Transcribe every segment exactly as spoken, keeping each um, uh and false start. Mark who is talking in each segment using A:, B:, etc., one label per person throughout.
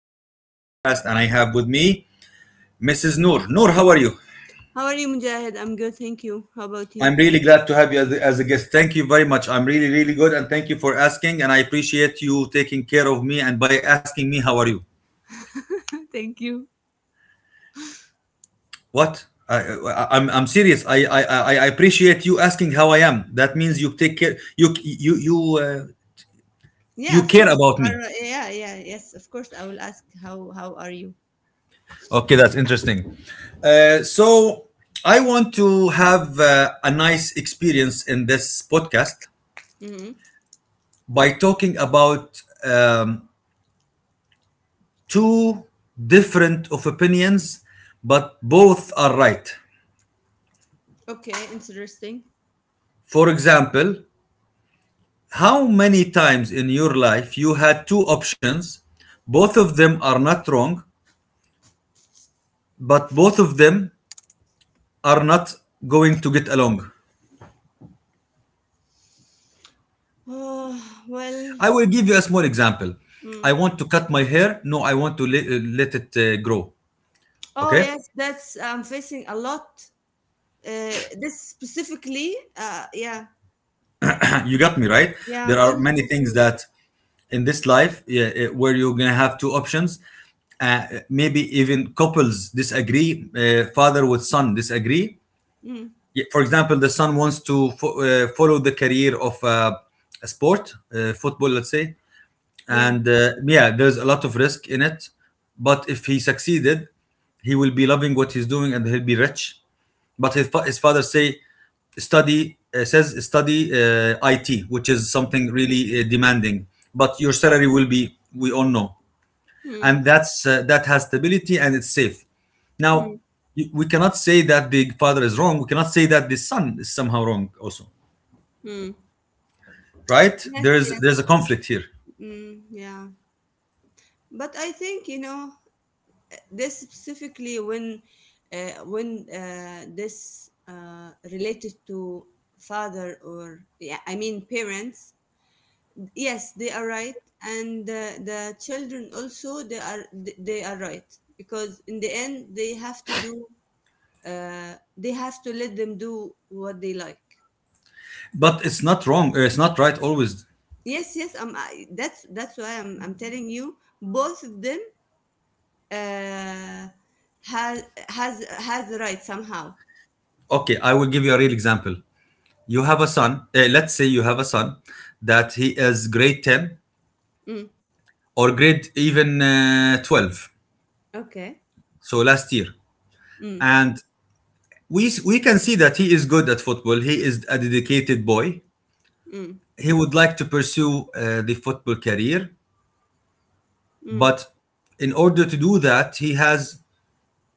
A: for today's podcast. And I have with me Missus Noor. Noor, how are you?
B: How are you, Mujahid? I'm good, thank you. How about
A: I'm
B: you?
A: really glad to have you as a, as a guest. Thank you very much. I'm really, really good, and thank you for asking. And I appreciate you taking care of me and by asking me how are you.
B: Thank you.
A: What? I, I, I'm I'm serious. I, I I I appreciate you asking how I am. That means you take care. You you you uh,
B: Yeah, of
A: you
B: course.
A: care
B: You
A: about
B: are, uh,
A: me.
B: yeah, yeah, yes, of course. I will ask how how are you?
A: Okay, that's interesting. Uh, so I want to have uh, a nice experience in this podcast
B: Hmm.
A: by talking about um, two different of opinions, but both are right.
B: Okay, interesting.
A: For example, how many times in your life you had two options, both of them are not wrong, but both of them are not going to get along.
B: Oh, well,
A: I will give you a small example. I
B: mm.
A: want to cut my hair. No, I want to let, let it uh, grow.
B: Oh
A: Okay,
B: yes, that's I'm facing a lot. Uh, this specifically, uh, yeah,
A: you got me right.
B: yeah, I'm
A: There are
B: always
A: many things
B: confused.
A: that in this life, yeah, eh, where you're gonna have two options. Uh, maybe even couples disagree. Uh, father with son disagree.
B: Mm.
A: Yeah. For example, the son wants to fo- uh, follow the career of uh, a sport, uh, football, let's say,
B: Yeah.
A: and uh, yeah, there's a lot of risk in it, but if he succeeded, he will be loving what he's doing and he'll be rich. But his, fa- his father say study uh, says study, uh, it, which is something really uh, demanding, but your salary will be, we all know,
B: Mm.
A: and that's uh, that has stability and it's safe now.
B: Mm.
A: Y- we cannot say that the father is wrong. We cannot say that the son is somehow wrong also,
B: Mm.
A: right?
B: Yes.
A: there's
B: Yes.
A: there's a conflict here,
B: Mm. Yeah. But I think you know. This specifically when uh, when uh, this uh, related to father or yeah, I mean parents, yes they are right and uh, the children also they are, they are right because in the end they have to do, uh, they have to let them do what they like.
A: but it's not wrong, uh, it's not right always.
B: Yes, yes. Um, I, that's that's why i'm i'm telling you both of them uh, has has has the right somehow.
A: Okay, I will give you a real example. You have a son. eh, let's say you have a son that he is grade ten
B: Mm,
A: or grade even uh, twelve.
B: okay.
A: So last year, and we we can see that he is good at football. He is a dedicated boy.
B: Mm,
A: He would like to pursue uh, the football career,
B: mm,
A: but in order to do that, he has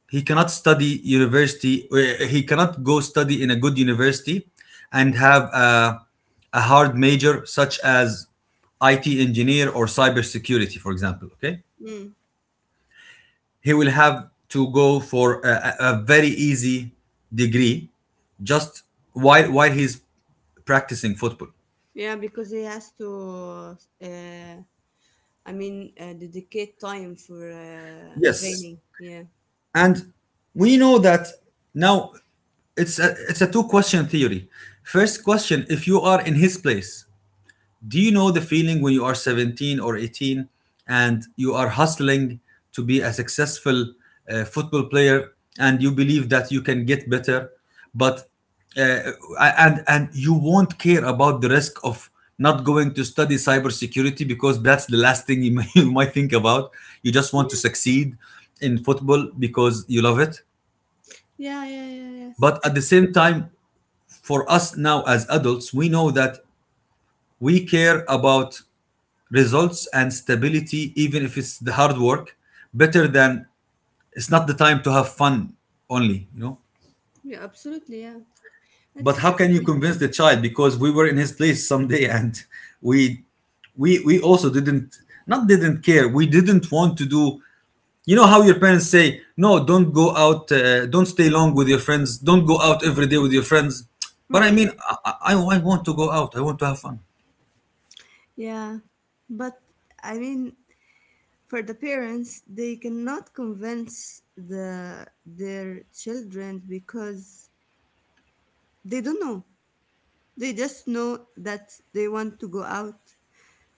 A: he cannot study university, uh, he cannot go study in a good university and have a, a hard major such as I T engineer or cybersecurity, for example. Okay,
B: mm.
A: he will have to go for a, a a very easy degree, just while while he's practicing football.
B: Yeah, because he has to, uh, I mean, uh, dedicate time for uh,
A: Yes,
B: training. Yeah.
A: and we know that now. It's a it's a two question theory. First question: if you are in his place, do you know the feeling when you are seventeen or eighteen and you are hustling to be a successful uh, football player and you believe that you can get better, but uh, and and you won't care about the risk of not going to study cybersecurity because that's the last thing you, may, you might think about. You just want to
B: Yeah,
A: succeed in football because you love it.
B: yeah, yeah, yeah, yes.
A: But at the same time, for us now as adults, we know that we care about results and stability, even if it's the hard work, better than it's not the time to have fun only you know
B: Yeah, absolutely, yeah. It's
A: But how can you
B: difficult.
A: convince the child, because we were in his place someday and we we we also didn't not didn't care. We didn't want to do, you know how your parents say, no, don't go out, uh, don't stay long with your friends, don't go out every day with your friends. But I
B: Hmm.
A: mean, I, I i want to go out, I want to have fun.
B: Yeah. But I mean, for the parents, they cannot convince the their children because they don't know. They just know that they want to go out,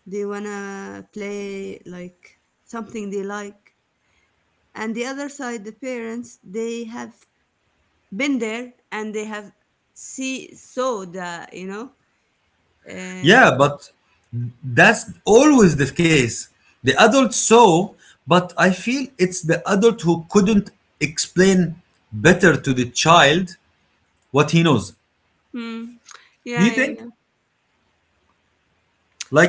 B: they wanna play like something they like, and the other side the parents they have been there and they have, see saw the you know uh,
A: Yeah, but that's always the case. The adult saw, but I feel it's the adult who couldn't explain better to the child what he knows.
B: mm,
A: Do
B: yeah,
A: you
B: yeah,
A: think?
B: yeah.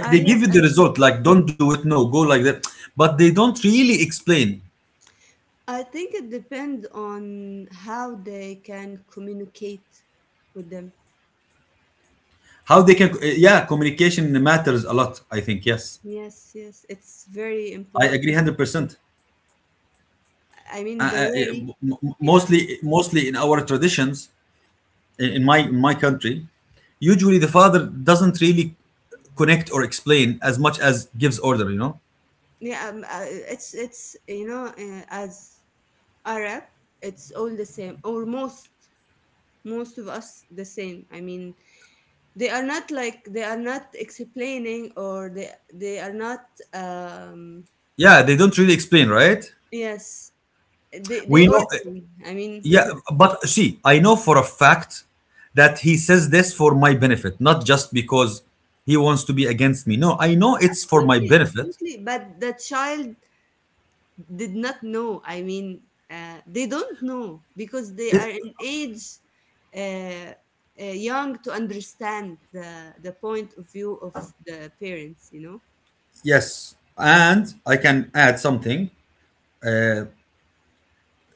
B: Uh,
A: they
B: yes,
A: give you
B: I
A: the
B: think.
A: result, like don't do it, no, go like that. But they don't really explain
B: I think it depends on how they can communicate with them.
A: how they can. uh, Yeah, communication matters a lot, I think, yes.
B: Yes, yes, it's very
A: I agree
B: important.
A: one hundred percent.
B: I
A: Uh,
B: mean, the
A: uh, yeah,
B: way,
A: m- m-
B: yeah,
A: mostly, mostly in our traditions, in my in my country, usually the father doesn't really connect or explain as much as gives order you know
B: yeah. Um, uh, it's it's you know, uh, as Arab, it's all the same, or most, most of us the same. I mean, they are not like they are not explaining, or they they are not. Um,
A: Yeah, they don't really explain, right?
B: yes, they they
A: We know.
B: ordering. I mean,
A: Yeah, but see, I know for a fact that he says this for my benefit, not just because he wants to be against me. No, I know it's for my
B: absolutely,
A: benefit.
B: absolutely. But the child did not know. I mean, uh, they don't know because they are
A: it,
B: in age. Uh, uh, young to understand the the point of view of the parents you know.
A: yes, and I can add something.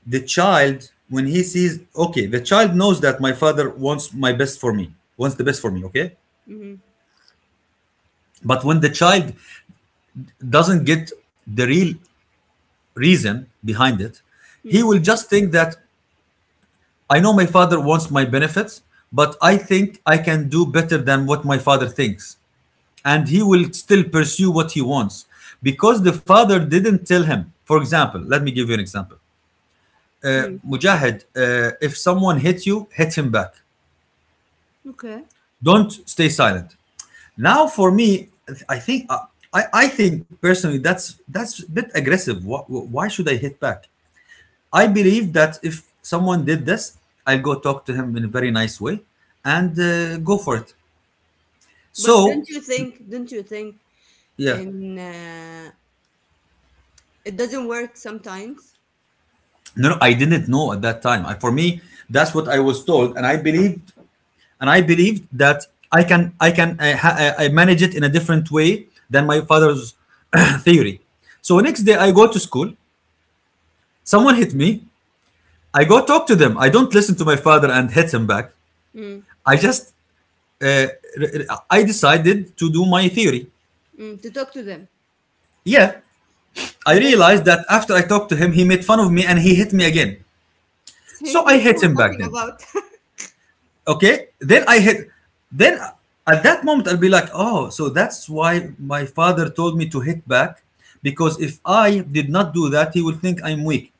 A: The child, when he sees, okay, the child knows that my father wants my best for me wants the best for me, okay?
B: Mm-hmm.
A: But when the child doesn't get the real reason behind it, he
B: Hmm.
A: will just think that I know my father wants my benefits, but I think I can do better than what my father thinks. And he will still pursue what he wants, because the father didn't tell him. For example, let me give you an example. Uh,
B: Hmm.
A: Mujahid, uh, if someone hits you, hit him back.
B: Okay.
A: Don't stay silent. Now, for me, I think uh, I, I think personally that's that's a bit aggressive. Why, why should I hit back? I believe that if someone did this, I'll go talk to him in a very nice way and uh, go for it.
B: But
A: So,
B: don't you think, don't you think.
A: yeah,
B: And uh, it doesn't work sometimes?
A: no, no, I didn't know at that time. I, for me, that's what I was told, and I believed, and I believed that I can, I can, uh, ha- uh, I manage it in a different way than my father's theory. So
B: Mm,
A: next day, I go to school. Someone hit me. I go talk to them. I don't listen to my father and hit him back.
B: mm,
A: I just, uh, r- r- I decided to do my theory.
B: mm, to talk to them.
A: Yeah, I
B: And then what
A: realized
B: happens?
A: that after I talked to him, he made fun of me and he hit me again.
B: See,
A: So I
B: that's
A: hit
B: what
A: him
B: we're
A: back
B: talking
A: then.
B: about.
A: Okay. Then I hit. Then at that moment, I'll be like, oh, so that's why my father told me to hit back, because if I did not do that, he will think I'm weak.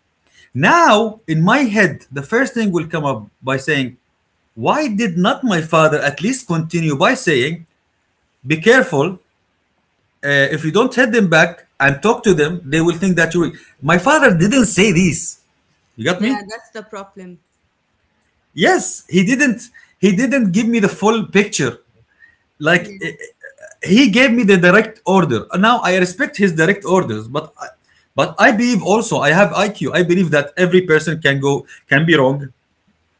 A: Now, in my head, the first thing will come up by saying, why did not my father at least continue by saying, be careful? Uh, if you don't hit them back and talk to them, they will think that you're weak. My father didn't say this. You got
B: Yeah,
A: me?
B: that's the problem.
A: Yes, he didn't. He didn't give me the full picture. Like,
B: Yeah.
A: eh, eh, he gave me the direct order. Now I respect his direct orders, but I, but I believe also I have I Q. I believe that every person can go can be wrong.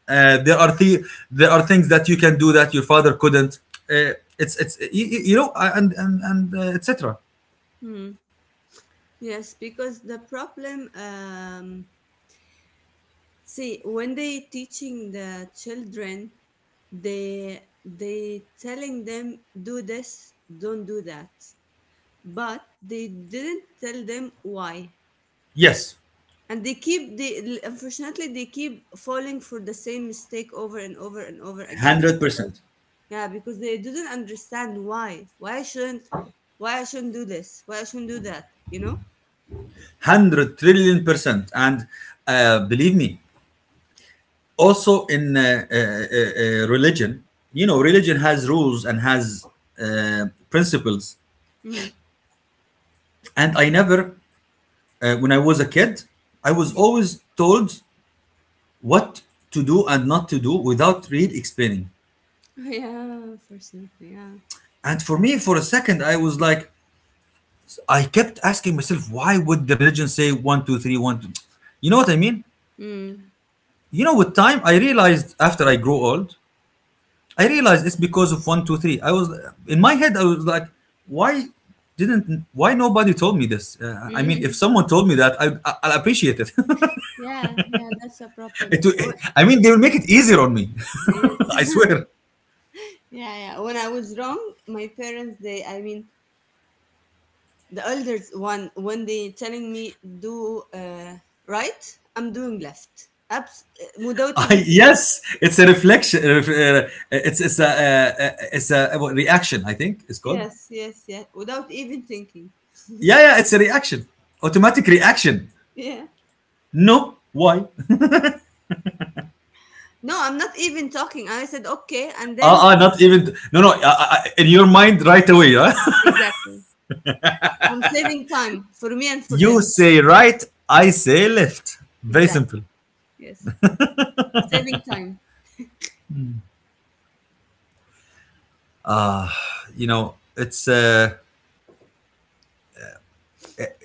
A: Uh, there are the, there are things that you can do that your father couldn't. Uh, it's it's you, you know, uh, and and and uh, et cetera.
B: Mm. Yes, because the problem, um, see, when they teaching the children, they they telling them, do this, don't do that, but they didn't tell them why.
A: Yes,
B: And they keep they, unfortunately they keep falling for the same mistake over and over and over again
A: hundred
B: because
A: percent,
B: yeah because they didn't understand why why I shouldn't, why I shouldn't do this, why I shouldn't do that you know.
A: hundred trillion percent. And uh, believe me, also in uh, uh, uh, uh, religion. You know religion has rules and has uh, principles,
B: Mm.
A: and I never, uh, when I was a kid, I was always told what to do and not to do, without really explaining.
B: Yeah, unfortunately, yeah.
A: And for me, for a second, I was like, I kept asking myself, why would the religion say one two three one two, you know what I mean?
B: Mm.
A: You know, with time I realized after I grew old, I realized it's because of one, two, three. I was in my head. I was like, why didn't? Why nobody told me this? Uh, I mean, if
B: Mm.
A: someone told me that, I, I, I'll appreciate it.
B: Yeah yeah, that's a problem.
A: it.
B: Oh,
A: will- I mean, they will make it easier on me.
B: yes.
A: I swear.
B: Yeah, yeah, when I was wrong my parents they I mean the elders one when they telling me do, uh, right, I'm doing left. Abs- uh, without even
A: I,
B: thinking.
A: yes, it's a reflection. uh, uh, It's it's a uh, uh, it's a uh, what, reaction. I think it's called.
B: Yes, yes, yes, without even thinking.
A: Yeah, yeah, it's a reaction. Automatic reaction.
B: Yeah.
A: No, why?
B: No, I'm not even talking, I said okay and
A: Ah, uh,
B: then
A: not even. No, no. Uh, uh, uh, in your mind, right away. Huh?
B: exactly, I'm saving time for me and for
A: You
B: them.
A: say right, I say left. Very simple.
B: Exactly, yes, saving time.
A: You know, it's uh,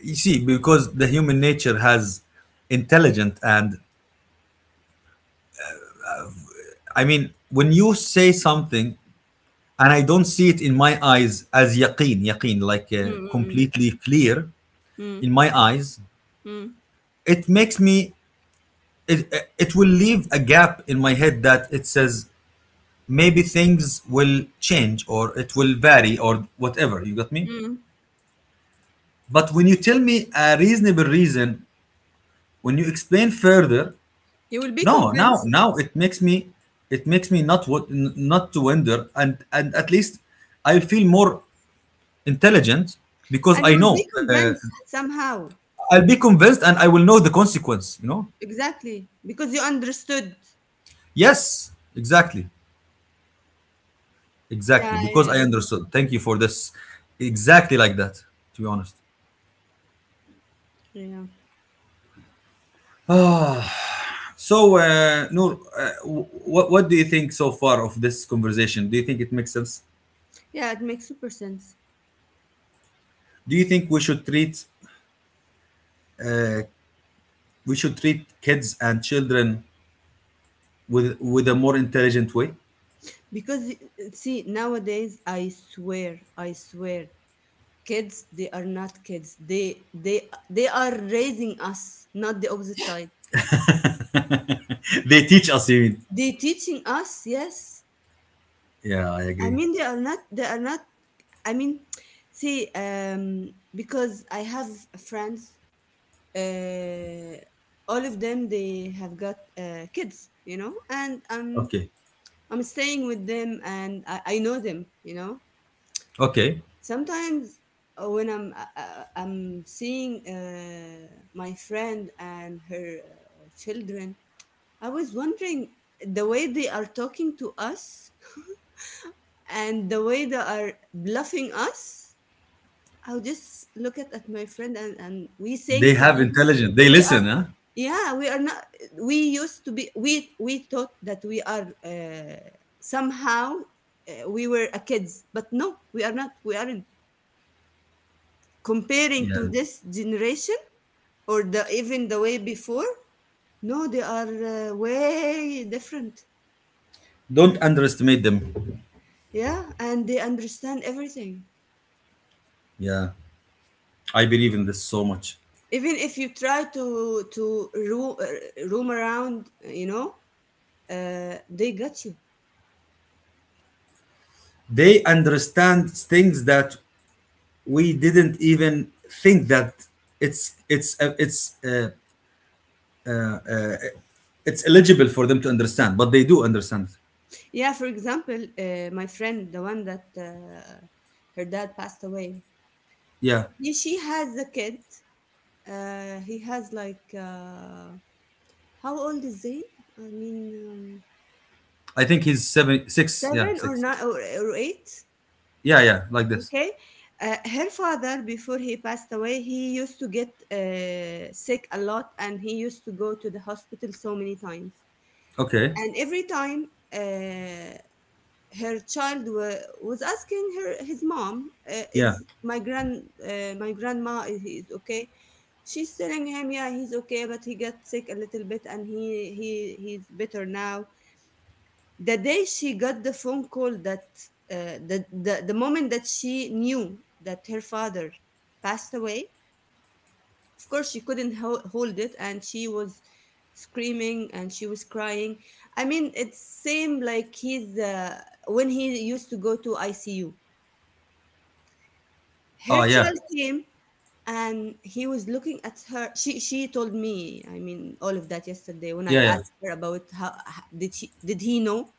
A: you see, because the human nature has intelligent, and I mean, when you say something and I don't see it in my eyes as yaqeen, yaqeen, like uh,
B: Mm-mm-mm.
A: completely clear
B: Mm,
A: in my eyes,
B: mm, mm.
A: it makes me it it will leave a gap in my head that it says maybe things will change or it will vary or whatever. You got me?
B: Mm, mm.
A: But when you tell me a reasonable reason, when you explain further,
B: You will be
A: no, now
B: convinced,
A: now it makes me, it makes me not what, not to wonder, and and at least I feel more intelligent because
B: and you
A: I
B: will be
A: know, uh,
B: convinced somehow.
A: I'll be convinced and I will know the consequence you know
B: Exactly, because you understood.
A: Yes, exactly, exactly,
B: Yeah,
A: because
B: yeah,
A: I
B: I agree.
A: understood. Thank you for this. Exactly like that, to be honest.
B: Yeah.
A: So uh, Noor, uh, what what do you think so far of this conversation? Do you think it makes sense?
B: Yeah, it makes super sense.
A: Do you think we should treat we should treat kids and children with with a more intelligent way.
B: Because uh, see, nowadays I swear, I swear, kids they are not kids. They they they are raising us, not the opposite side.
A: They teach us even.
B: They teaching us, yes.
A: Yeah, I
B: I
A: agree.
B: mean they are not, they are not, I mean, see, um, because I have friends, uh, all of them they have got uh, kids, you know, and I'm
A: Okay.
B: I'm staying with them and I, I know them, you know,
A: Okay.
B: sometimes uh, when I'm uh, uh, I'm seeing uh, my friend and her uh, children, I was wondering the way they are talking to us and the way they are bluffing us. I'll just look at, at my friend, and, and we sang
A: They have
B: together.
A: intelligence. They
B: We are,
A: listen, huh?
B: yeah we are not, we used to be, we we thought that we are uh, somehow uh, we were a kids but no we are not, we aren't. Comparing to
A: Yeah.
B: this generation or the even the way before, no, they are uh, way different.
A: Don't underestimate them.
B: Yeah, and they understand everything.
A: Yeah. I believe in this so much.
B: Even if you try to to roam, uh, roam around, uh, you know, uh, they got you.
A: They understand things that we didn't even think that it's it's uh, it's uh, it's eligible for them to understand, but they do understand.
B: Yeah, for example, uh, my friend, the one that uh, her dad passed away,
A: Yeah.
B: yeah, she has a kid. Uh, he has like uh, how old is Zayn? I mean, um,
A: I think he's seven, six. Yeah,
B: seven or
A: six.
B: nine, or, or eight?
A: Yeah, yeah, like this.
B: Okay. Uh, her father, before he passed away, he used to get uh, sick a lot and he used to go to the hospital so many times.
A: Okay.
B: And every time uh, her child wa- was asking her, his mom, uh, is
A: Yeah.
B: my grand, uh, my grandma is, is okay? She's telling him, yeah, he's okay, but he got sick a little bit and he, he he's better now. The day she got the phone call that uh, the, the the moment that she knew that her father passed away, of course she couldn't ho- hold it, and she was screaming and she was crying. I mean, it seemed like he's uh, when he used to go to I C U. Her
A: Oh,
B: child
A: yeah.
B: came and he was looking at her, she she told me I mean all of that yesterday when I
A: Yeah, yeah.
B: asked her about how h- did she did he know.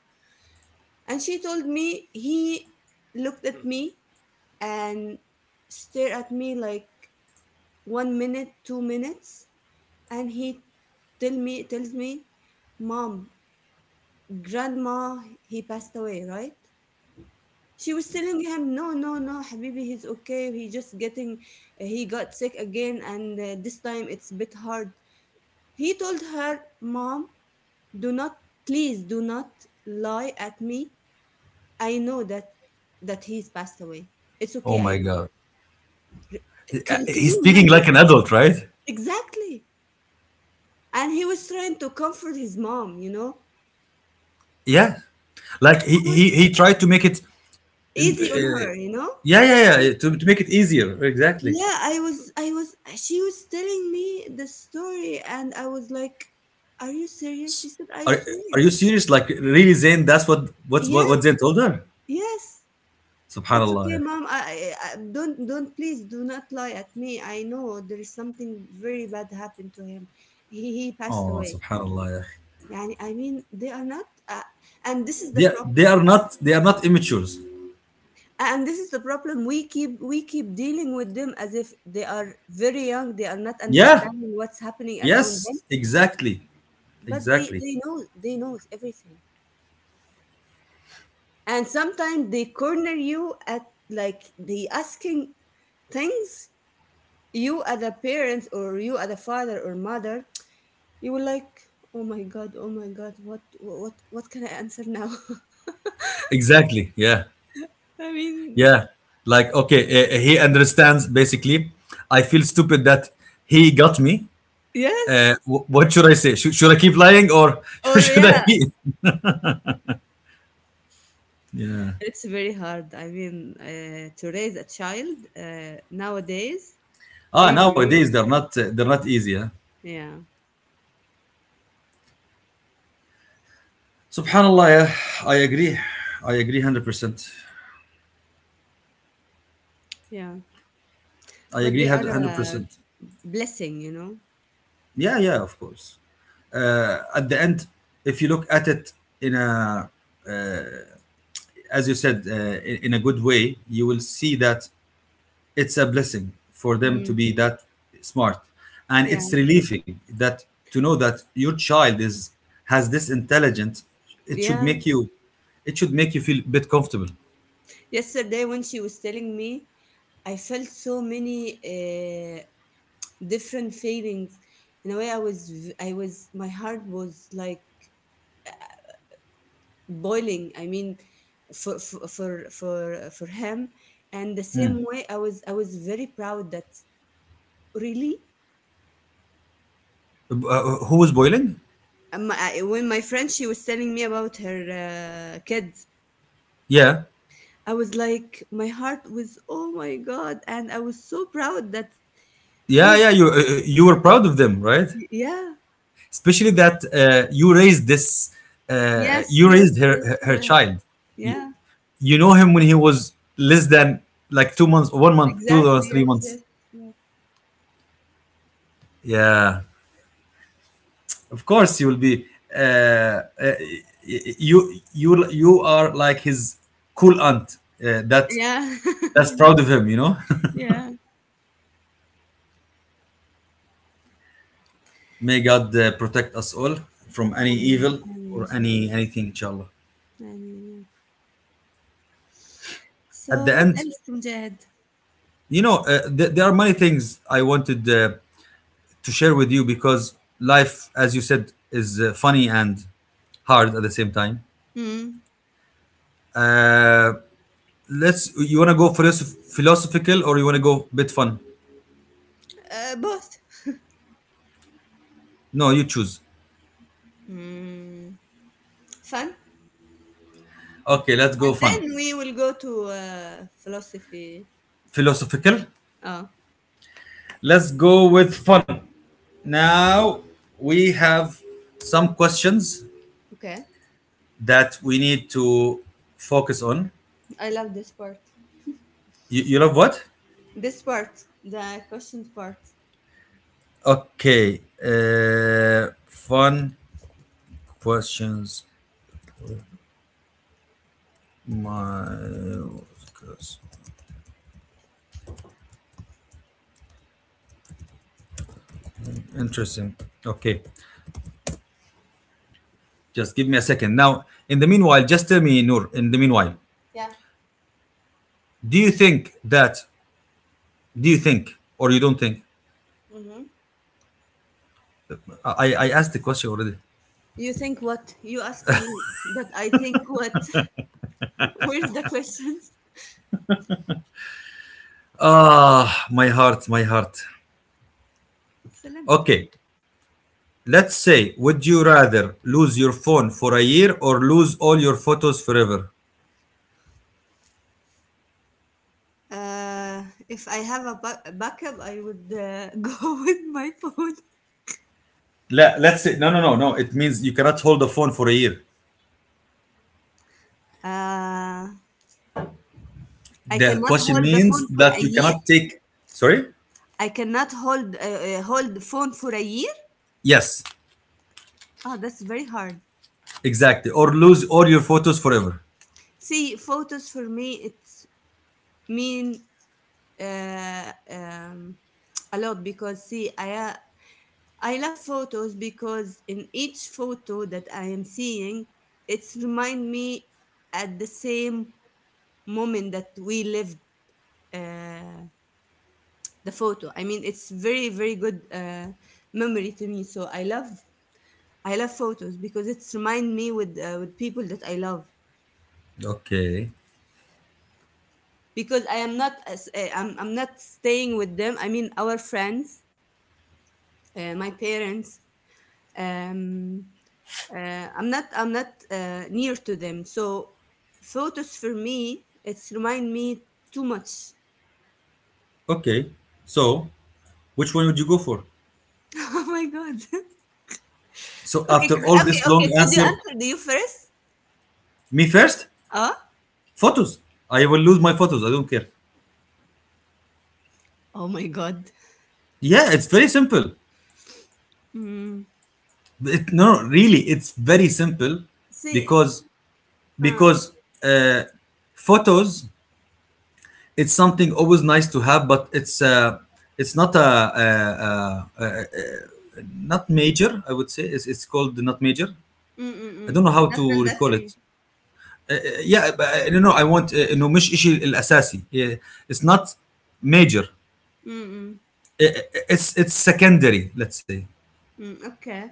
B: And she told me he looked at me and stared at me like one minute, two minutes, and he tell me tells me, Mom, grandma, he passed away, right? She was telling him, No, no, no, Habibi, he's okay. He just getting, he got sick again and uh, this time it's a bit hard. He told her, Mom, do not, please do not lie at me, I know that, that he's passed away. It's
A: Oh
B: okay, I
A: my
B: know.
A: God. Uh,
B: Can can
A: He's
B: you
A: speaking
B: imagine?
A: like an adult, right?
B: Exactly. And he was trying to comfort his mom, you know?
A: Yeah. Like he
B: I was
A: he, he tried to make it in-
B: easy on
A: uh,
B: her, you know?
A: yeah, yeah, yeah, to, to make it easier. Exactly.
B: Yeah, I was I was she was telling me the story and I was like, "Are you serious?" She said, "I
A: Are
B: swear."
A: are you serious? Like really Zayn, that's what what's what, what
B: Yes,
A: Zayn told her?
B: yes. It's
A: Subhanallah.
B: okay,
A: يا أخي.
B: mom. I, I I- don't don't please do not lie at me. I know there is something very bad happened to him. He he passed
A: Oh,
B: away.
A: subhanallah. يا أخي.
B: يعني I mean they are not uh, and this is the
A: They, they
B: problem,
A: are not they are not immatures.
B: and this is the problem we keep we keep dealing with them as if they are very young, they are not
A: Yeah.
B: understanding what's happening around them,
A: Yes, exactly.
B: but they
A: Exactly.
B: they know, they knows everything, and sometimes they corner you at like the asking things, you as a parent or you as a father or mother, you will like, oh my god, oh my god, what what what can I answer now?
A: Exactly. Yeah.
B: I mean
A: Yeah. Like okay, uh, he understands basically. I feel stupid that he got me. uh,
B: yes
A: what should I say? Should, should I keep lying or
B: or
A: should I?
B: yeah.
A: Be? Yeah.
B: It's very hard. I mean, uh, to raise a child uh, nowadays,
A: Ah,
B: really,
A: nowadays
B: really,
A: they're not uh, they're not easy. Huh?
B: yeah,
A: Subhanallah. Yeah, I agree. I agree hundred percent.
B: yeah.
A: I
B: But they
A: agree
B: are
A: hundred
B: a
A: percent.
B: blessing, you know.
A: Yeah, yeah, of course. Uh, at the end, if you look at it, in a, as you said, uh, in, in a good way, you will see that it's a blessing for them
B: Mm,
A: to be that smart, and
B: yeah,
A: it's relieving that, to know that your child is, has this intelligence, it should
B: yeah.
A: make you, it should make you feel a bit comfortable.
B: Yesterday, when she was telling me, I felt so many uh, different feelings. In a way, I was, v- I was, my heart was like boiling. I mean, for for for for, for him, and the same way, I was, I was very proud that really,
A: uh, who was boiling?
B: my I, when my friend she was telling me about her uh, kids,
A: Yeah,
B: I was like, my heart was, oh my god, and I was so proud that
A: yeah,
B: he's,
A: yeah, you uh, you were proud of them, right?
B: yeah,
A: Especially that, uh, you raised this uh,
B: yes,
A: you
B: yes,
A: raised her
B: yes,
A: her, her
B: yeah,
A: child. you,
B: yeah,
A: you know him when he was less than like two months, one month, two months,
B: exactly,
A: three
B: yes,
A: months
B: yes, yes,
A: Yeah, of course you will be, uh, uh, you you you are like his cool aunt, uh, that
B: yeah,
A: that's proud of
B: yes,
A: him you know
B: yeah.
A: May God uh, protect us all from any
B: I mean,
A: evil,
B: I
A: or
B: mean, so,
A: any
B: I
A: anything, inshallah.
B: mean, yeah.
A: At
B: So
A: the
B: what
A: end,
B: else from Jihad?
A: you know uh, th- there are many things I wanted uh, to share with you, because life, as you said, is uh, funny and hard at the same time.
B: Mm.
A: Uh, let's You want to go philosoph- philosophical, or you want to go bit fun?
B: Uh, both.
A: No, you choose.
B: Mm. Fun.
A: Okay, let's go
B: And
A: fun.
B: then we will go to uh, philosophy.
A: Philosophical.
B: Oh,
A: Let's go with fun. Now we have some questions
B: okay.
A: that we need to focus on.
B: I love this part.
A: You, you love what?
B: This part, the questions part.
A: Okay. Uh, fun questions. My interesting. Okay. Just give me a second. Now, in the meanwhile, just tell me, Noor. In the meanwhile,
B: Yeah.
A: do you think that? Do you think, or you don't think?
B: Mm-hmm.
A: I I I asked the question already.
B: You think what? You ask me that I think what? Where's the questions?
A: Ah, my heart, my heart.
B: Salamtu.
A: Okay, let's say, would you rather lose your phone for a year or lose all your photos forever?
B: Uh, if I have a, ba- a backup, I would uh, go with my phone.
A: Let, let's say, no, no, no, no. It means you cannot hold the phone for a year.
B: Uh, I
A: The
B: cannot
A: question
B: hold the
A: means
B: phone for a
A: that you
B: year.
A: cannot take, sorry?
B: I cannot hold uh, uh, hold the phone for a year.
A: Yes,
B: Ah, that's very hard.
A: exactly. Or lose all your photos forever.
B: See, photos for me, it's mean uh, um, a lot because see I uh, I love photos because in each photo that I am seeing it's remind me at the same moment that we lived, uh, the photo I mean it's very very good uh, memory to me so I love, I love photos because it's remind me with uh, with people that I love
A: Okay,
B: because I am not as uh, I'm, I'm not staying with them I mean our friends, uh, my parents, um, Uh, I'm not I'm not uh, near to them. So photos for me, it's remind me too much.
A: okay. So, which one would you go for?
B: Oh my god.
A: So,
B: Okay,
A: after
B: c-
A: all
B: okay,
A: this
B: okay.
A: long
B: Could you
A: answer,
B: answer do you first?
A: me first?
B: Uh?
A: Photos. I will lose my photos. I don't care.
B: Oh my god.
A: Yeah, it's very simple.
B: Mm.
A: It, no, no, really, it's very simple,
B: See.
A: because
B: Uh.
A: because uh, photos, it's something always nice to have, but it's uh, it's not a, a, a, a, a not major. I would say it's, it's called not major.
B: Mm mm
A: I
B: mm.
A: don't know how
B: Not
A: to recall
B: mandatory.
A: it. Uh, uh, yeah, but, uh, no, no, I want, uh, إنه مش إشي الأساسي. Uh, It's not major.
B: Mm
A: Uh, uh, It's it's secondary. Let's say.
B: mm. Mm okay.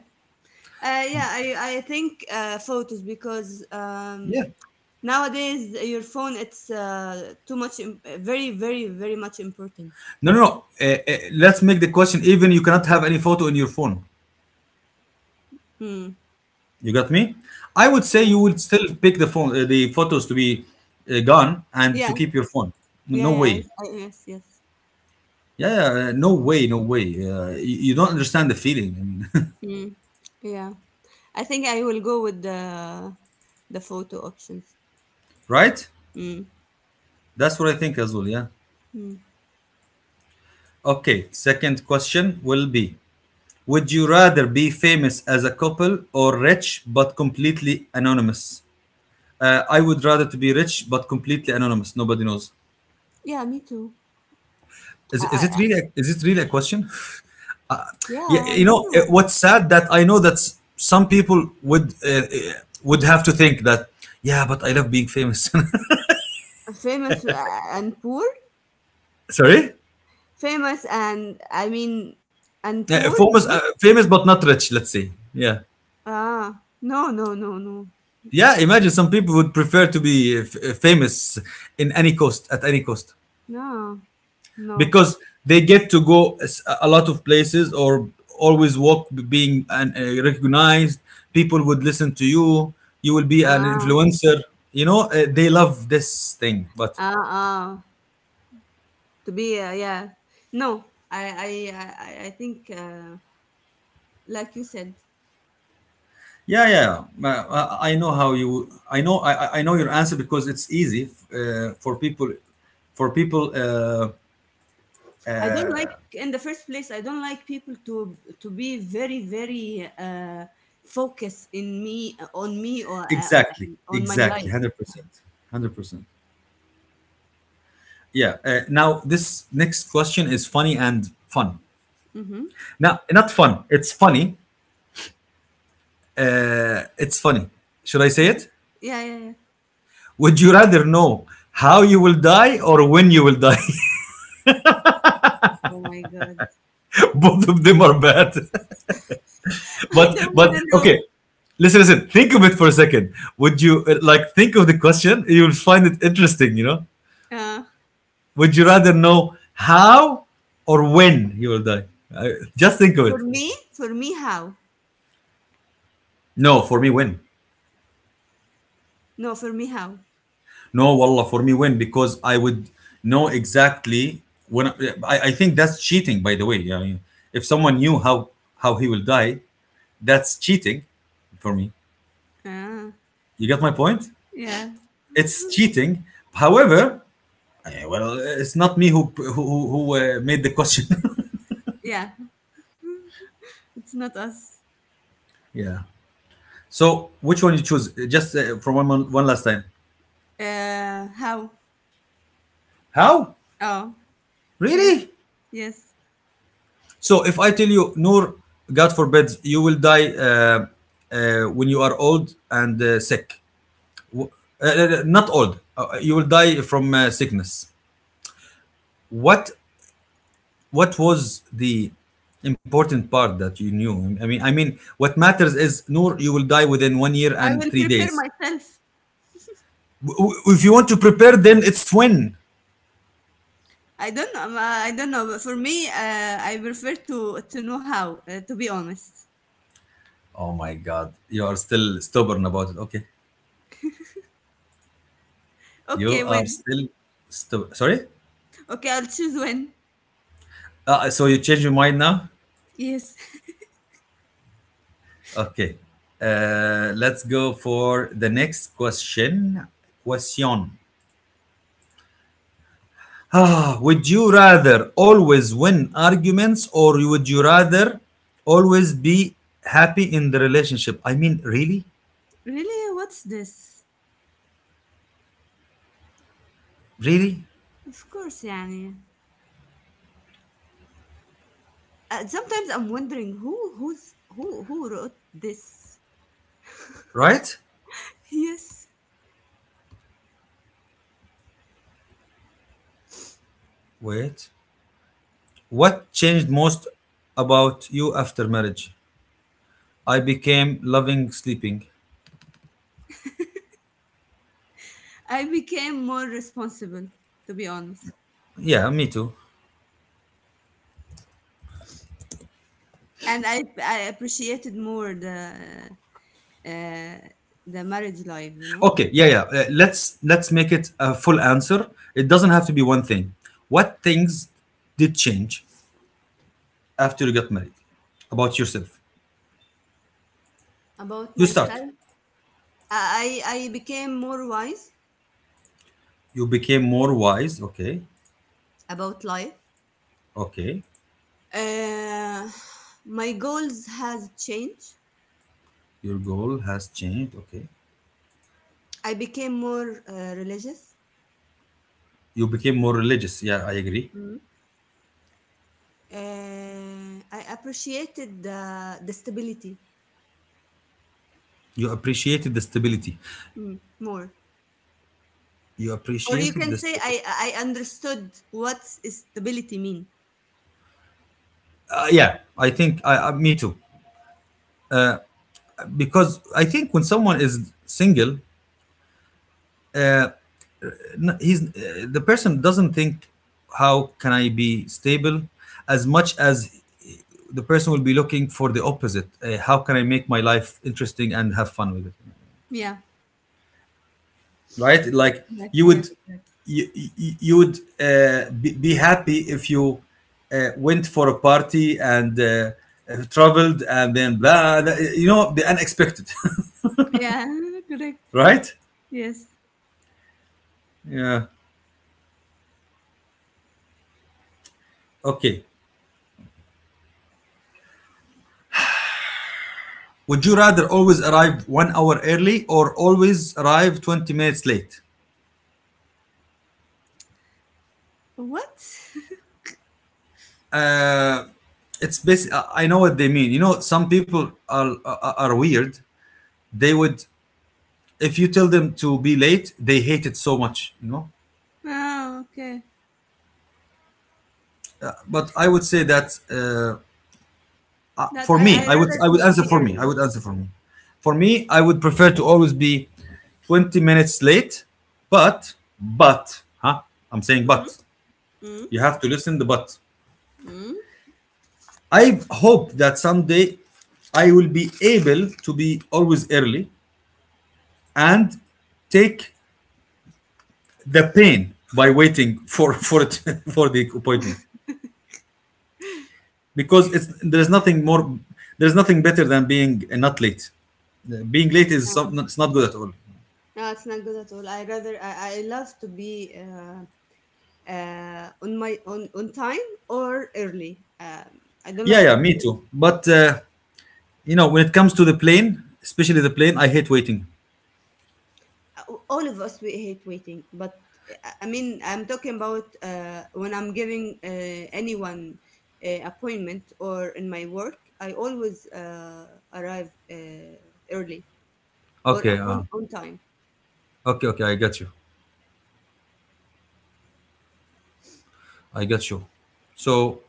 B: Uh, yeah, I I think uh, photos because um,
A: Yeah.
B: nowadays your phone it's uh, too much, im- very very very much important.
A: No, no, no. Uh, uh, let's make the question, even you cannot have any photo in your phone.
B: Hmm.
A: You got me? I would say
B: Yeah.
A: you would still pick the phone, uh, the photos to be uh, gone, and
B: Yeah.
A: to keep your phone.
B: Yeah,
A: No
B: yeah, I,
A: way.
B: I, yes, yes.
A: Yeah, yeah, uh, no
B: Yeah.
A: way, no way. Uh, you, you don't understand the feeling. I mean,
B: Mm, yeah. I think I will go with the the photo options.
A: right?
B: Mm,
A: That's what I think as well. Yeah.
B: mm.
A: Okay. Second question will be: would you rather be famous as a couple or rich but completely anonymous? Uh, I would rather to be rich but completely anonymous. Nobody knows.
B: Yeah, me too.
A: Is,
B: I, I,
A: is it
B: I-
A: really? a- Is it really a question?
B: yeah,
A: Yeah,
B: I
A: you
B: don't
A: know eh,
B: know.
A: what's sad that I know that s- some people would, uh, uh, would have to think that, yeah, but I love being famous.
B: Famous uh, and poor?
A: Sorry,
B: Famous and, I mean, and
A: yeah,
B: poor, you
A: famous,
B: mean?
A: uh, famous but not rich. Let's say, yeah,
B: Ah, no, no, no, no.
A: yeah. Imagine some people would prefer to be, uh, f- uh, famous in any cost, at any cost,
B: No, no.
A: because they get to go, eh, s- a lot of places, or always walk b- being an, uh, recognized. People would listen to you. You will be an
B: Ah,
A: influencer. You know, uh, they love this thing, but.
B: ah, ah. To be, uh, yeah. No, I, I, I, I I think, uh, like you said,
A: Yeah, yeah. Uh, I I know how you. I know. I, I I know your answer, because it's easy, uh, for people. For people, uh,
B: I don't like in the first place, I don't like people to to be very, very uh, focused in me uh, on me or uh, uh,
A: exactly,
B: on my
A: exactly,
B: life.
A: hundred percent, hundred percent. Yeah. Uh, now this next question is funny and fun.
B: Mm-hmm.
A: Now, not fun. It's funny. Uh, it's funny. Should I
B: Okay.
A: say it?
B: Yeah, yeah, yeah.
A: Would you rather know how you will die or when you will die?
B: Oh my God.
A: Both of them are bad.
B: I
A: But
B: don't want
A: but
B: to know.
A: okay, listen, listen. Think of it for a second. Would you uh, like think of the question? You'll find it interesting. You know,
B: Uh,
A: would you rather know how or when you will die? I, just think of
B: for
A: it.
B: me, for me, how?
A: No, for me, when.
B: No, for me, how?
A: No, wallah, for me, when, because I would know exactly when. I, I think that's cheating, by the way. I mean, if someone knew how how he will die, that's cheating for me.
B: Ah.
A: You get my point?
B: Yeah,
A: It's cheating. However, yeah, well, it's not me who, who, who uh, made the question.
B: yeah. It's not us.
A: Yeah. So which one you choose? Uh, Just uh, for one mon- one last time.
B: Uh, how?
A: How?
B: Oh, yes,
A: Really?
B: yes.
A: So if I tell you, Noor, God forbids, you will die, uh, uh, when you are old and uh, sick. W- uh, uh, uh, Not old. Uh, uh, you will die from uh, sickness. What What was the important part that you knew? I mean, I mean, what matters is, Noor, you will die within one year
B: I
A: and
B: will
A: three
B: prepare
A: days.
B: myself.
A: W- If you want to prepare, then it's when.
B: I don't know. ma- I don't know. But for me, uh, I prefer to to know how. Uh, to be honest.
A: Oh my God, you are still stubborn about it. Okay, you
B: Okay,
A: are
B: when?
A: still stubborn. Sorry.
B: Okay, I'll choose when.
A: Uh, so you change your mind now.
B: Yes.
A: Okay. Uh, let's go for the next question. Question. Ah, would you rather always win arguments, or would you rather always be happy in the relationship? I mean, really,
B: Really? What's this?
A: really,
B: Of course, يعني. Uh, sometimes I'm wondering who who's who who wrote this.
A: right?
B: Yes.
A: Wait. What changed most about you after marriage? I became loving sleeping.
B: I became more responsible, to be honest,
A: Yeah, me too.
B: and I I appreciated more the uh, the marriage life. You know
A: Okay, yeah, yeah. Uh, let's let's make it a full answer. It doesn't have to be one thing. What things did change after you got married about yourself?
B: About
A: You
B: myself.
A: start.
B: I I I became more wise
A: You became more wise. Okay,
B: about life?
A: okay.
B: Uh, my goals has changed.
A: Your goal has changed. Okay.
B: I became more uh, religious.
A: You became more religious. Yeah, I agree.
B: Mm. Uh, I appreciated the, the stability
A: You appreciated the stability.
B: Mm. more.
A: You
B: Or you
A: appreciated
B: can
A: the
B: say
A: stability.
B: I, I understood what stability mean.
A: Uh, yeah, I think I, I. Me too. Because I think when someone is single, uh, n- he's uh, the person doesn't think, how can I be stable, as much as the person will be looking for the opposite. Uh, how can I make my life interesting and have fun with it?
B: Yeah.
A: Right? Like you
B: Yes.
A: would,
B: Yes. Correct.
A: you you, you would uh, be, be happy if you uh, went for a party and. Uh, uh, traveled and then, blah, blah, you know the unexpected.
B: Yeah. Correct.
A: Right.
B: Yes.
A: Yeah. Okay. Would you rather always arrive one hour early or always arrive twenty minutes late?
B: What?
A: Uh, it's basically, I know what they mean. You know, some people are, are, are weird. They would, if you tell them to be late, they hate it so much, you know?
B: Oh, okay.
A: But I would say that, uh,
B: That
A: for
B: I,
A: me,
B: I
A: I would,
B: rather
A: I would
B: to
A: answer
B: be
A: for me. I
B: early.
A: would answer for me. For me, I would prefer to always be twenty minutes late, but, but, huh? I'm saying
B: Mm-hmm.
A: but. You have to listen the but.
B: Mm-hmm.
A: I hope that someday I will be able to be always early, and take the pain by waiting for for it, for the appointment, because it's there's nothing more there's nothing better than being uh, not late. Uh, Being late is
B: Oh.
A: some, it's not good at all.
B: No, it's not good at all. I rather I, I love to be uh, uh, on my on on time or early. Um, I don't
A: Yeah,
B: like
A: yeah,
B: to be,
A: me too. But
B: yeah.
A: uh, you know, when it comes to the plane, especially the plane, I hate waiting.
B: All of us we hate waiting, but I I mean I'm talking about uh, when I'm giving uh, anyone uh, appointment or in my work. I always uh, arrive uh, early or
A: Okay, uh,
B: on on time.
A: okay, okay. I got you. I got you. So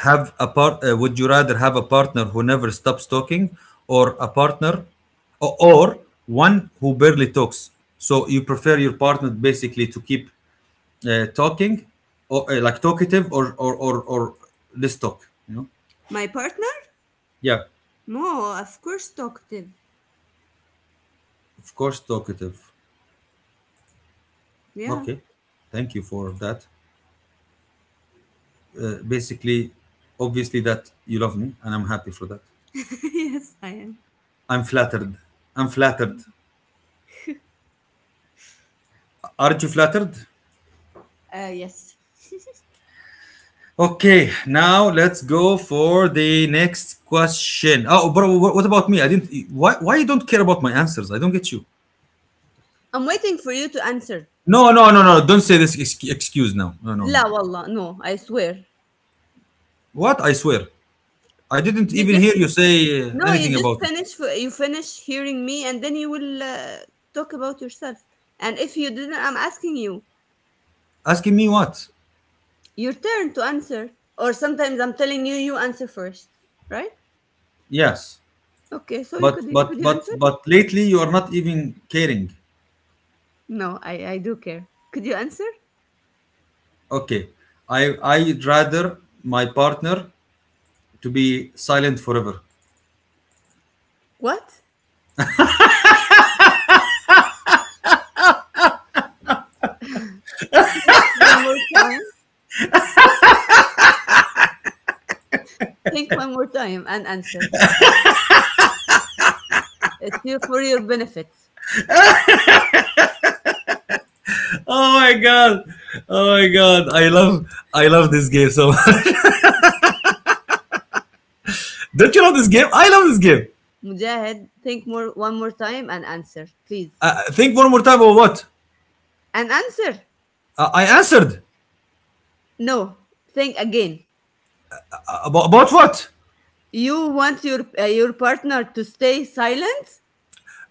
A: have a part uh, would you rather have a partner who never stops talking or a partner or, or one who barely talks? So you prefer your partner basically to keep uh, talking or uh, like talkative or or or, or less talk you know
B: My partner?
A: Yeah,
B: No, of course talkative.
A: of course talkative.
B: Yeah,
A: Okay, thank you for that. Uh, basically obviously that you love me, and I'm happy for that.
B: yes I am.
A: I'm flattered, I'm flattered. Aren't you flattered?
B: Uh, yes.
A: Okay, now let's go for the next question. Oh, but wh- what about me? I didn't. Why? Why you don't care about my answers? I don't get you.
B: I'm waiting for you to answer.
A: No, no, no, no. Don't say this ex- excuse now. No, no,
B: لا
A: no.
B: والله, no, I swear.
A: What? I swear, I didn't
B: You
A: even
B: just
A: hear you say uh,
B: No, you
A: anything
B: just
A: about it.
B: finish, for you finish hearing me and then you will uh, talk about yourself. And if you didn't, I'm asking you.
A: Asking me what?
B: Your turn to answer. Or sometimes I'm telling you, you answer first, right?
A: Yes,
B: Okay, so you
A: but
B: could
A: but
B: could you
A: but
B: answer?
A: but lately you are not even caring.
B: No, I I do care. Could you answer?
A: Okay, I I rather my partner to be silent forever.
B: What? Think one more time. Think one more time and answer. It's your, for your benefit.
A: Oh my god! Oh my god! I love I love this game so much. Don't you love this game? I love this game.
B: Mujahid, think more one more time and answer, please.
A: Uh, think one more time about what?
B: An answer?
A: uh, I answered
B: No. Think again.
A: about, about what.
B: You want your uh, your partner to stay silent?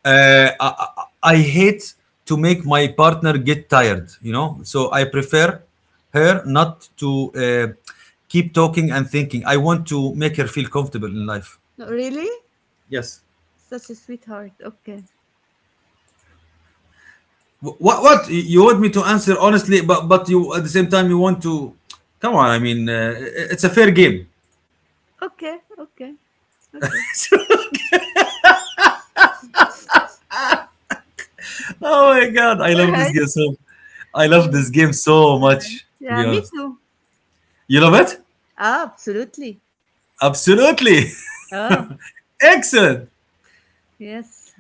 A: Uh, I, I- hate to make my partner get tired. You know, so I prefer her not to uh, keep talking and thinking. I want to make her feel comfortable in life.
B: No, really?
A: Yes.
B: Such a sweetheart. Okay.
A: Wh- What what You- you want me to answer honestly, but but you at the same time you want to. Come on, I mean uh, it's a fair game.
B: Okay. Okay. Okay.
A: Oh my god, I
B: All
A: love this
B: right.
A: game so I
B: All
A: love this
B: right.
A: game so much, to be
B: Yeah, me
A: honest.
B: too.
A: You love it?
B: Ah, absolutely.
A: Absolutely.
B: Oh,
A: Excellent.
B: yes.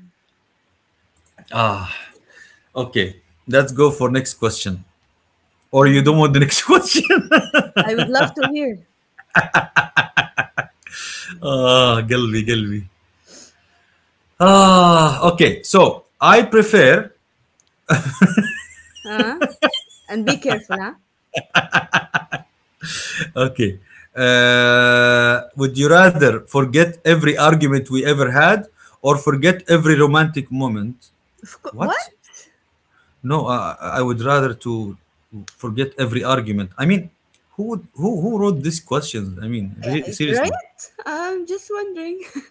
A: Okay, let's go for next question. Or you
B: Hmm.
A: don't want the next question?
B: I would love to hear.
A: Ah, قلبي قلبي. Ah, okay. So, I prefer
B: Huh? And be careful, huh?
A: okay. Uh, would you rather forget every argument we ever had, or forget every romantic moment?
B: Of course. What?
A: What? No, I, I would rather to forget every argument. I mean, who would, who who wrote these questions? I mean,
B: Yeah,
A: re-
B: is-
A: seriously.
B: right? I'm just wondering.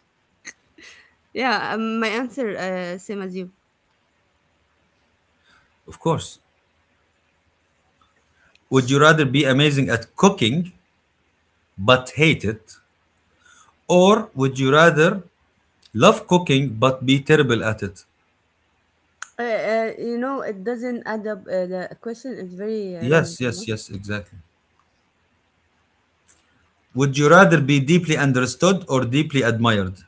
B: Yeah, um, my answer uh, same as you.
A: Of course. Would you rather be amazing at cooking but hate it, or would you rather love cooking but be terrible at it?
B: Uh, uh, you know, it doesn't add up. Uh, the question is very uh, wrong,
A: Yes,
B: you
A: yes,
B: know.
A: yes, exactly. Would you rather be deeply understood or deeply admired?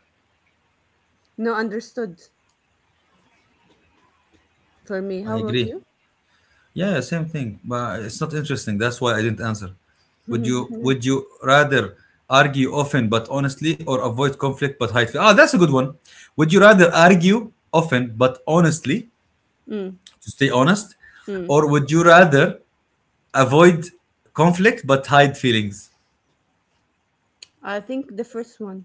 B: No, understood for me. How
A: I
B: about
A: agree.
B: you?
A: Yeah, same thing. But it's not interesting. That's why I didn't answer. Would you would you rather argue often but honestly, or avoid conflict but hide? Ah, that's a good one. Would you rather argue often but honestly
B: Mm,
A: to stay honest,
B: mm.
A: or would you rather avoid conflict but hide feelings?
B: I think the first one.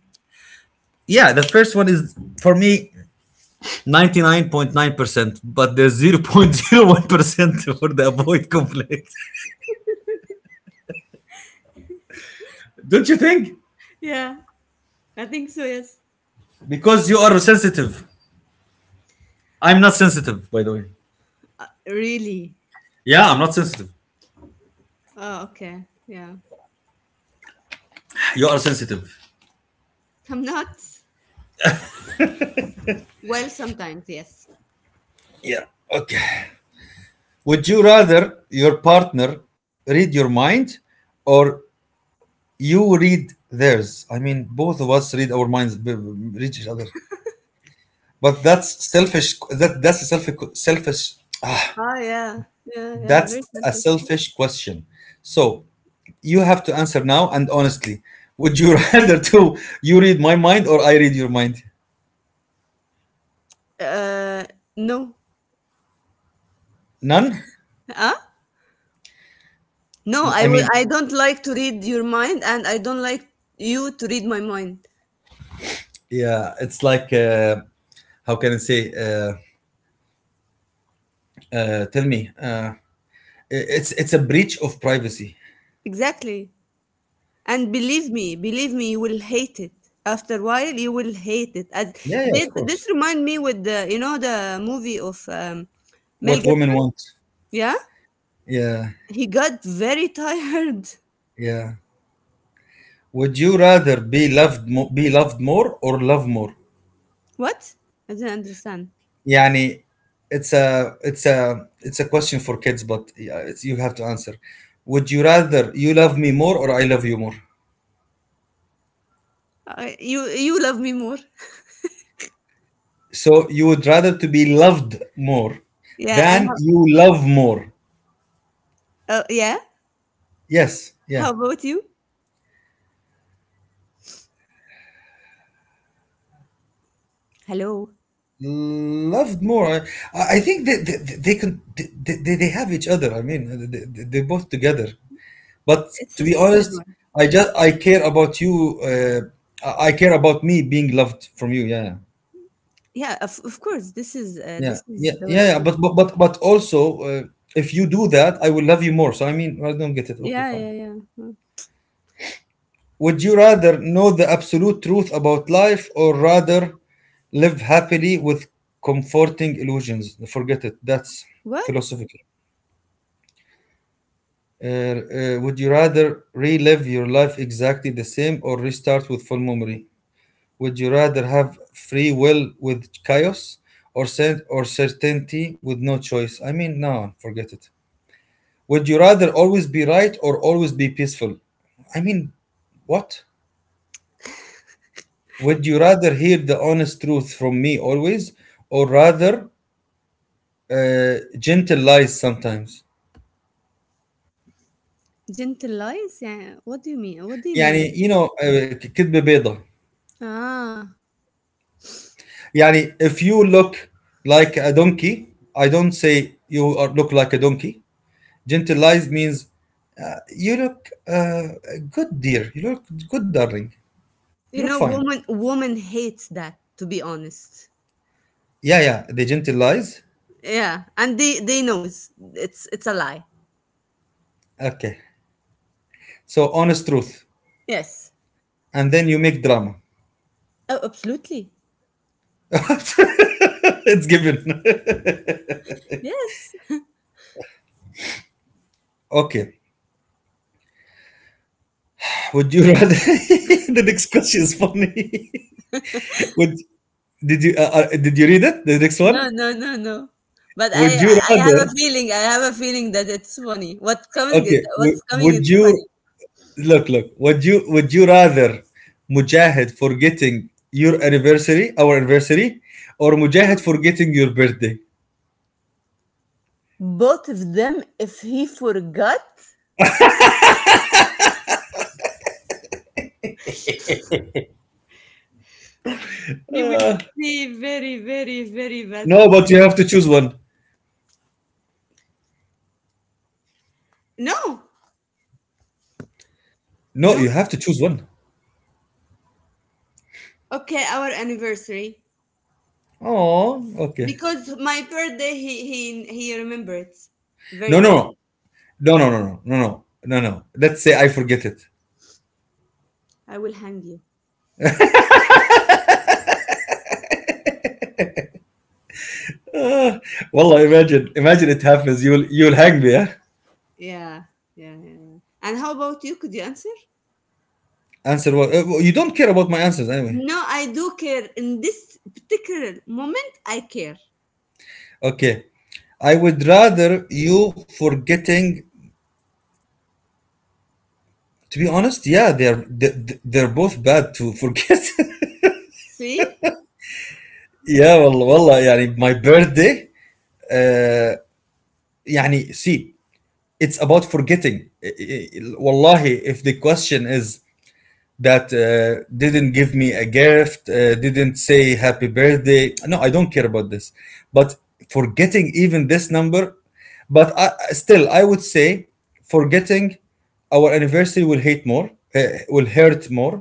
A: Yeah, the first one is for me ninety-nine point nine percent, but there's zero point zero one percent for the avoid conflict. Don't you think?
B: Yeah, I think so, yes.
A: Because you are sensitive. I'm not sensitive, by the way.
B: Uh, really?
A: Yeah, I'm not sensitive.
B: Oh, okay. Yeah.
A: You are sensitive.
B: I'm not. Well, sometimes, yes.
A: Yeah. Okay. Would you rather your partner read your mind, or you read theirs? I mean, both of us read our minds, b- b- read each other. But that's selfish. That that's a selfish, selfish. Ah,
B: Ah, yeah, yeah, yeah.
A: that's
B: Very
A: a
B: selfish.
A: selfish question. So you have to answer now and honestly. Would you rather to you read my mind, or I read your mind?
B: Uh, no,
A: None.
B: huh? No. I
A: I
B: would.
A: mean,
B: I don't like to read your mind, and I don't like you to read my mind.
A: yeah, it's like uh, how can I say, uh, uh, tell me, uh, i- it's it's a breach of privacy.
B: Exactly. And believe me, believe me, you will hate it. After a while, you will hate it. As
A: Yeah, yeah,
B: this,
A: of course.
B: this remind me with the, you know the movie of um, Mel
A: What women
B: Gibson.
A: want.
B: Yeah,
A: Yeah,
B: he got very tired.
A: yeah. Would you rather be loved mo- be loved more, or love more?
B: What? I didn't understand.
A: يعني it's a it's a it's a question for kids, but yeah, it's, you have to answer. Would you rather you love me more, or I love you more?
B: Uh, you you love me more.
A: So you would rather to be loved more
B: Yeah, and
A: than you love more?
B: how, uh, yeah.
A: Yes,
B: How
A: yeah.
B: about you? Hello.
A: Loved more. I, I think they they, they can they, they, they have each other. I mean, they, they- they're both together. But
B: It's
A: to
B: a
A: be
B: stupid
A: honest,
B: one.
A: I just I care about you. Uh, I I care about me being loved from you. Yeah, yeah,
B: Yeah, of, of course. This is uh,
A: yeah,
B: this
A: yeah.
B: is the way.
A: yeah.
B: It
A: yeah,
B: is.
A: But but but but also, uh, if you do that, I will love you more. So I mean, I don't get it. Okay,
B: Yeah,
A: fine.
B: yeah, yeah.
A: Would you rather know the absolute truth about life, or rather live happily with comforting illusions? Forget it. That's
B: What?
A: philosophical. Uh, uh, would you rather relive your life exactly the same, or restart with full memory? Would you rather have free will with chaos, or cert or certainty with no choice? I mean, no, forget it. Would you rather always be right, or always be peaceful? I mean, what? Would you rather hear the honest truth from me always, or rather uh, gentle lies sometimes?
B: Gentle lies? Yeah. What do you mean? What do you mean?
A: يعني you know, uh, كذبة بيضة.
B: Ah.
A: Yani, if you look like a donkey, I don't say you are, look like a donkey. Gentilize means uh, you look uh, good, dear. You look good, darling. You look
B: You know,
A: fine.
B: woman woman hates that, to be honest.
A: Yeah, yeah, they gentilize.
B: Yeah, and they they knows it's it's a lie.
A: Okay, so honest truth,
B: Yes.
A: and then you make drama.
B: Oh, absolutely.
A: It's given.
B: Yes.
A: Okay, would you rather the next question is funny. Would did you uh, uh, did you read it, the next
B: No,
A: one?
B: no, no, no. But I
A: Would you
B: I have
A: rather,
B: a feeling, I have a feeling that it's funny. What's coming is
A: okay, would,
B: what's coming.
A: would
B: It's
A: you,
B: funny.
A: look, look, Would you would you rather Mujahid forgetting your anniversary, our anniversary, or Mujahid forgetting your birthday?
B: Both of them, if he forgot, he will see very, very, very bad
A: No, but
B: moment.
A: you have to choose one.
B: No,
A: No,
B: no.
A: you have to choose one.
B: Okay, our anniversary,
A: Oh, okay.
B: because my birthday, he he he remembers very
A: No,
B: well.
A: no, no, no, no, no, no, no, no, no. Let's say I forget it.
B: I will hang you.
A: Ah, Wallah, imagine, imagine it happens. You'll you'll hang me, yeah?
B: Yeah, yeah, yeah. And how about you? Could you answer?
A: Answer what? uh, You don't care about my answers anyway.
B: No, I do care. In this particular moment, I care.
A: Okay. I would rather you forgetting, to be honest. Yeah, they're they- they're both bad to forget.
B: See?
A: Yeah, والله والله يعني my birthday, uh, يعني see, it's about forgetting. I- والله if the question is that uh, didn't give me a gift, uh, didn't say happy birthday. No, I don't care about this. But forgetting even this number, but I- still I would say forgetting our anniversary will hate more, uh, will hurt more.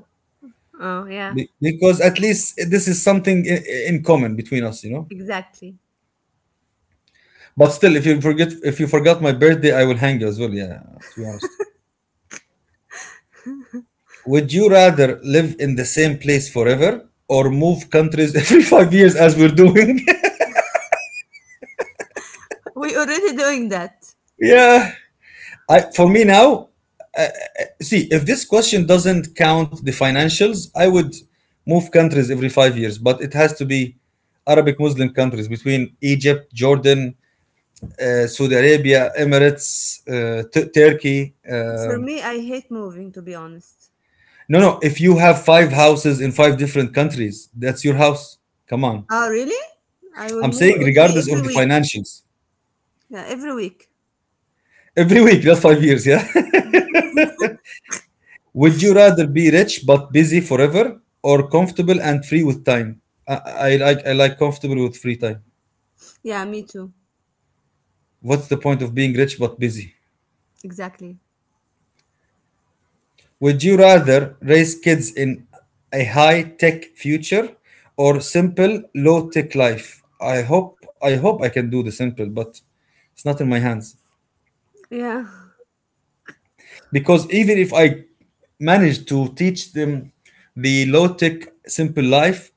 B: Oh, yeah,
A: Be- because at least this is something i- i- in common between us, you know.
B: exactly.
A: But still, if you forget, if you forgot my birthday, I will hang you as well, yeah. To be honest, would you rather live in the same place forever, or move countries every five years as we're doing?
B: We already doing that.
A: Yeah. I for me now see, if this question doesn't count the financials, I would move countries every five years, but it has to be Arabic Muslim countries between Egypt, Jordan, uh, Saudi Arabia, Emirates, uh, Tu- Turkey.
B: For
A: Um,
B: me, I hate moving, to be honest.
A: no, no. If you have five houses in five different countries, that's your house. Come on.
B: Oh, really? I will
A: I'm
B: move
A: saying
B: every
A: regardless of
B: every
A: the
B: week.
A: financials.
B: Yeah, every week.
A: Every week, that's five years, yeah? Would you rather be rich but busy forever, or comfortable and free with time? I, I like I like comfortable with free time.
B: Yeah, me too.
A: What's the point of being rich but busy?
B: Exactly.
A: Would you rather raise kids in a high-tech future, or simple low-tech life? I hope I hope I can do the simple, but it's not in my hands.
B: Yeah.
A: Because even if I manage to teach them the low-tech simple life,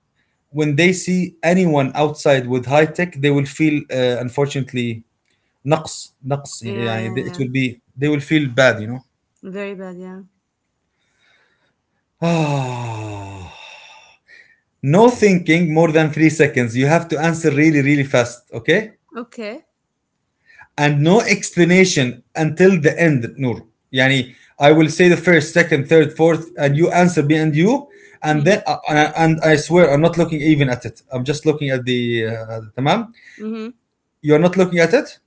A: when they see anyone outside with high-tech, they will feel, uh, unfortunately, نقص نقص
B: Yeah,
A: يعني,
B: yeah,
A: it
B: yeah.
A: will be, they will feel bad, you
B: Very bad, yeah.
A: know. No thinking more than three seconds. You have to answer really, really fast. Okay?
B: Okay.
A: And no explanation until the end, Noor. Yani, I will say the first, second, third, fourth, and you answer me and you. And
B: Mm-hmm.
A: then, uh, and I swear, I'm not looking even at it. I'm just looking at the, uh, tamam?
B: Mm-hmm.
A: You're not looking at it?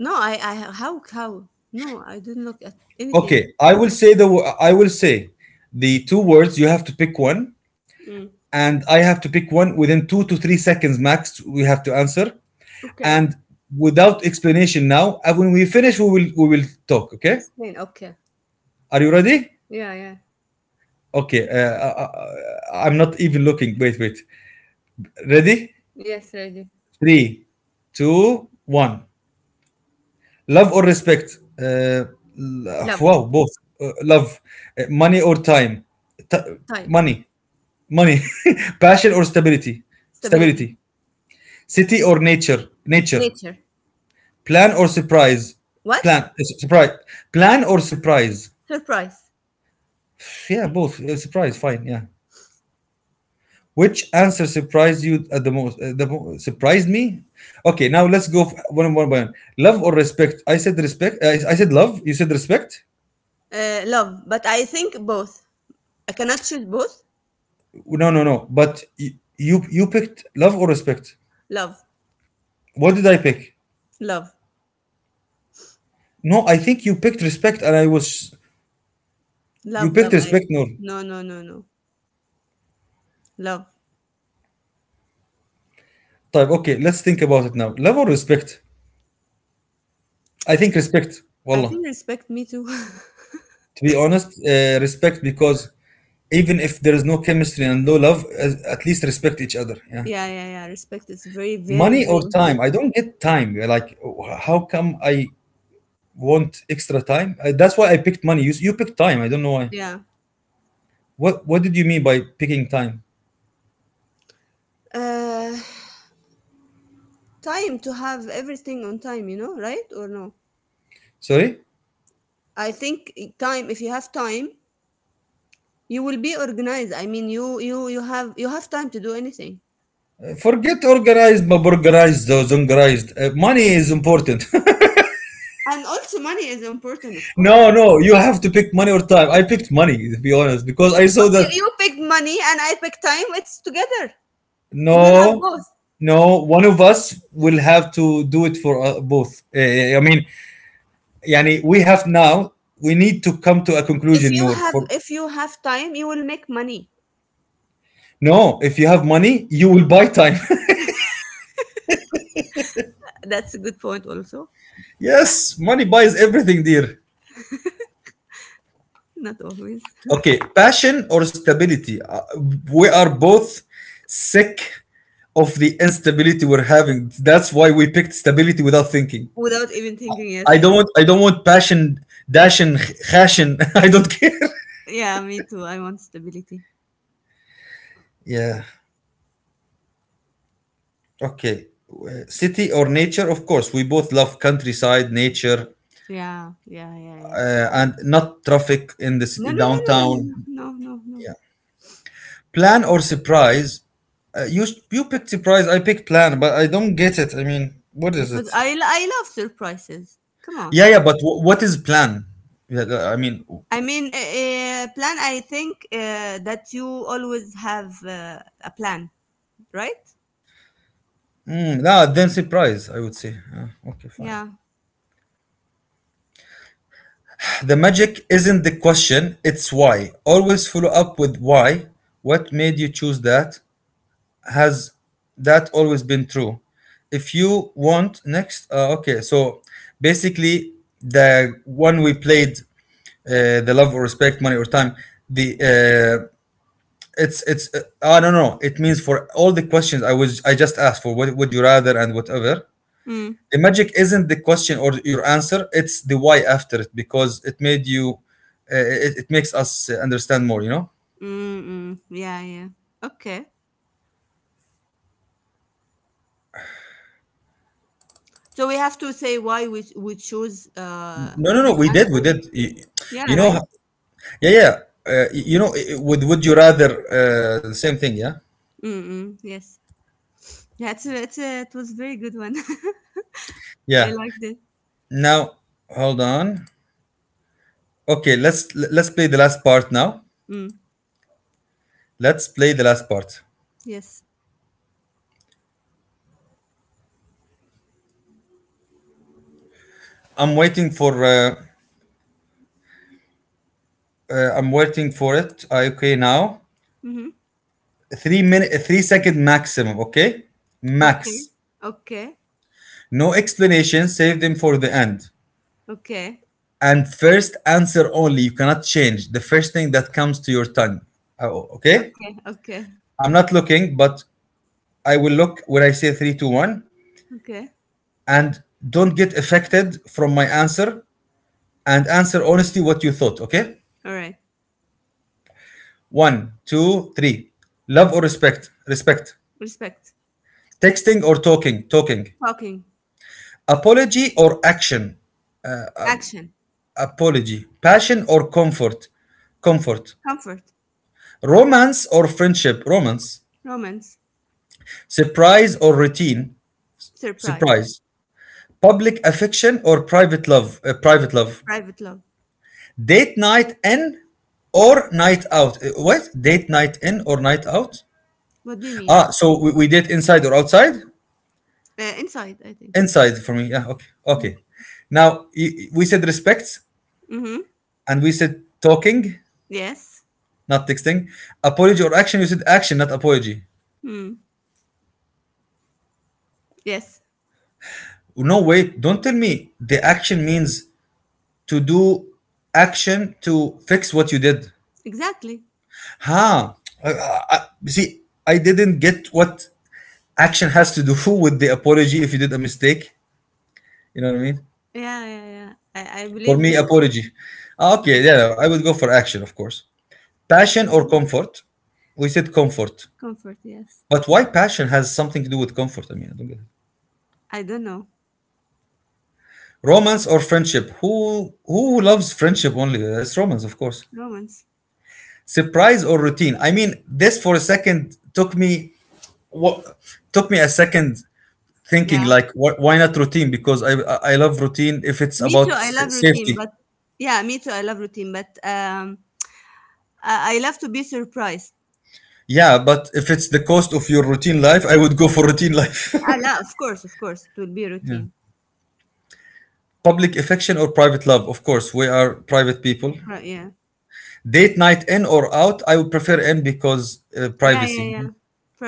B: No, I, I, how, how? No, I didn't look at anything.
A: Okay, I will say the wo- I will say the two words. You have to pick one,
B: Mm.
A: and I have to pick one within two to three seconds max. We have to answer,
B: Okay.
A: and without explanation now. And when we finish, we will we will talk. Okay?
B: Explain. Okay.
A: Are you ready?
B: Yeah, yeah.
A: Okay. Uh, uh, uh, uh, I'm not even looking. Wait, wait. Ready?
B: Yes, ready.
A: Three, two, one. Love or respect? Uh, l-
B: Love,
A: wow, both. Uh, love, uh, money or time? T-
B: time,
A: Money, money. Passion or stability?
B: stability,
A: Stability. City or nature? Nature.
B: nature.
A: Plan or surprise?
B: What?
A: Plan. Surprise. Plan or surprise?
B: Surprise.
A: Yeah, both. Uh, surprise, fine. Yeah. Which answer surprised you at the most? Uh, the mo- surprised me. Okay, now let's go f- one one by one. Love or respect? I said respect. I, I said love. You said respect.
B: Uh, love. But I think both. I cannot choose both.
A: No, no, no. But y- you you picked love or respect.
B: Love,
A: What did I pick?
B: love,
A: No, I think you picked respect, and I was you
B: love,
A: picked
B: love. I
A: respect. No.
B: No, no, no, no. Love.
A: Type. Okay, let's think about it now. Love or respect? I think respect.
B: I
A: Wallah.
B: think respect, me too.
A: To be honest, uh, respect, because even if there is no chemistry and no love, as- at least respect each other. Yeah.
B: Yeah, yeah, yeah. Respect is very, very,
A: Money
B: very
A: or time? I
B: important.
A: don't get time. You're like, wh- how come I want extra time? I, that's why I picked money. You, you picked time. I don't know why.
B: Yeah.
A: What What did you mean by picking time?
B: Uh, Time to have everything on time. You know, right or no?
A: Sorry.
B: I think time. If you have time, you will be organized. I mean, you you you have you have time to do anything.
A: Uh, Forget organized, but organized or zongorized. Uh, money is important.
B: And also money is important, of
A: No,
B: course.
A: no, you have to pick money or time. I picked money, to be honest, because I saw that.
B: Okay, you pick money and I pick time. It's together. We will have
A: No,
B: both.
A: no, one of us will have to do it for uh, both. Uh, I mean, yani, we have now, we need to come to a
B: If
A: conclusion,
B: you
A: Noor.
B: have
A: For,
B: if you have time, you will make money.
A: no, if you have money, you will buy time.
B: That's a good point also.
A: Yes, money buys everything, dear.
B: Not always.
A: Okay, passion or stability? Uh, we are both sick of the instability we're having. That's why we picked stability without thinking.
B: Without even thinking,
A: I
B: yes.
A: don't want, I don't want passion, dashing, khashin. I don't care.
B: Yeah, me too. I want stability.
A: Yeah. Okay. Uh, City or nature? Of course, we both love countryside, nature,
B: Yeah, yeah, yeah, yes.
A: uh, and not traffic in the
B: No,
A: ci-
B: no, no, no, no,
A: downtown.
B: no, no, no, no.
A: Plan or surprise? Uh, you you picked surprise. I picked plan, but I don't get it. I mean, what is
B: Because
A: it?
B: I, I love surprises. Come on.
A: Yeah, yeah. But w- what is plan? Yeah, the- I mean,
B: I mean, a a plan, I think, uh, that you always have uh, a plan, right?
A: mm, nah, then surprise, I would say. Yeah, okay, fine.
B: Yeah.
A: The magic isn't the question. It's why. Always follow up with why. What made you choose that? Has that always been true if you want next? Uh, okay, so basically the one we played, uh, the love or respect, money or time, the uh, it's it's uh, I don't know, it means for all the questions i was i just asked for what would you rather, and whatever.
B: Mm.
A: The magic isn't the question or your answer, it's the why after it, because it made you uh, it, it makes us understand more, you know?
B: Mm, mm. Yeah, yeah. Okay. So we have to say why we we choose uh
A: No no no
B: this
A: we did, we
B: answer.
A: did you, you
B: Yeah,
A: know?
B: right?
A: Yeah, yeah. Uh, you know, i- would would you rather uh, the same thing? Yeah,
B: Mm, mm. Yes. Yeah, it's a, it's a, it was a very good one. I
A: yeah.
B: liked it.
A: Now, hold on. Okay, let's let's play the last part now.
B: Mm.
A: Let's play the last part.
B: Yes.
A: I'm waiting for uh, uh, I'm waiting for it. Uh, okay, now
B: Mm-hmm.
A: three minute, three second maximum. Okay,
B: Okay.
A: max.
B: Okay.
A: No explanation. Save them for the end.
B: Okay.
A: And first answer only. You cannot change the first thing that comes to your tongue. Oh, okay.
B: Okay. Okay.
A: I'm not looking, but I will look when I say three, two, one,
B: Okay.
A: and don't get affected from my answer, and answer honestly what you thought, okay?
B: All right.
A: One, two, three. Love or respect? Respect.
B: Respect.
A: Texting or talking? Talking.
B: Talking.
A: Apology or action?
B: Action.
A: Apology. Passion or comfort? Comfort.
B: Comfort.
A: Romance or friendship? Romance.
B: Romance.
A: Surprise or routine?
B: Surprise.
A: Surprise. Public affection or private love? Uh, private love.
B: Private love.
A: Date night in or night out. Uh, What? Date night in or night out?
B: What do you mean?
A: Ah, so we, we did inside or outside?
B: Uh, inside, I think.
A: Inside for me. Yeah, okay. Okay. Now, y- we said respect
B: Mm-hmm.
A: and we said talking,
B: Yes.
A: not texting. Apology or action, you said action, not apology.
B: Mm. Yes.
A: No, wait, don't tell me the action means to do action to fix what you did.
B: Exactly.
A: Huh. I, I, I- see, I didn't get what action has to do with the apology if you did a mistake. You know what I mean?
B: Yeah, yeah, yeah. I, I
A: For
B: believe
A: me,
B: the,
A: apology. Ah, okay,
B: um,
A: yeah, yeah, I would go for action, of course. Passion or
B: okay.
A: comfort? We said comfort.
B: Comfort. Yes.
A: But why passion has something to do with comfort? I mean, I don't get it.
B: I don't know,
A: Romance or friendship? Who who loves friendship only? It's romance, of course.
B: romance.
A: Surprise or routine? I mean, this for a second took me what took me a second thinking
B: Yeah.
A: like wh- why not routine? Because I I I love routine if it's
B: Me too.
A: about
B: I
A: s-
B: love routine,
A: safety.
B: but yeah, me too. I love routine, but um, I, I love to be surprised.
A: Yeah, but if it's the cost of your routine life, I would go for routine life.
B: Ah, la, of course, of course, it will be
A: Yeah.
B: routine.
A: Public affection or private love? Of course, we are private people.
B: Pri- yeah.
A: Date night in or out? I would prefer in because uh,
B: Yeah, yeah,
A: privacy.
B: yeah.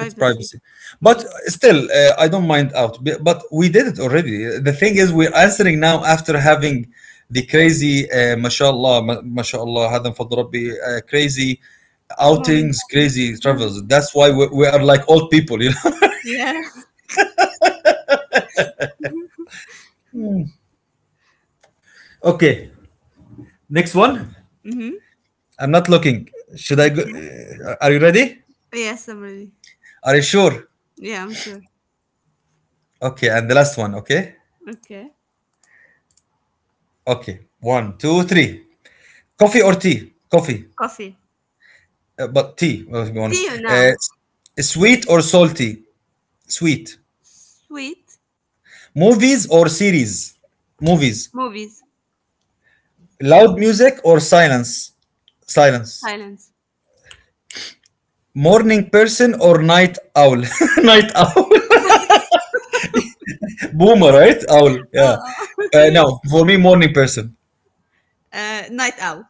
A: It's privacy.
B: Mm.
A: But still, uh, I don't mind out. B- But we did it already. The thing is, we're answering now after having the crazy, uh, mashallah, ma- mashallah, hadan من فضل uh, crazy outings,
B: Moments.
A: crazy travels. That's why we, we are like old people, you know?
B: Yeah.
A: Okay, next one.
B: Mm-hmm.
A: I'm not looking. Should I go?
B: Okay.
A: uh, Are you ready?
B: Yes, I'm ready.
A: Are you sure?
B: Yeah, I'm sure.
A: Okay, and the last one. Okay,
B: Okay.
A: okay. One, two, three. Coffee or tea? Coffee,
B: Coffee.
A: uh, but tea. Well, to be
B: See
A: honest,
B: you
A: uh,
B: now.
A: s- sweet or salty? Sweet.
B: Sweet.
A: Movies or series? Movies.
B: Movies.
A: Loud music or silence? Silence.
B: Silence.
A: Morning person or night owl? Night owl. Boomer, right? Owl. Yeah.
B: Oh, oh.
A: Uh, no, for me, morning person.
B: Uh, night owl.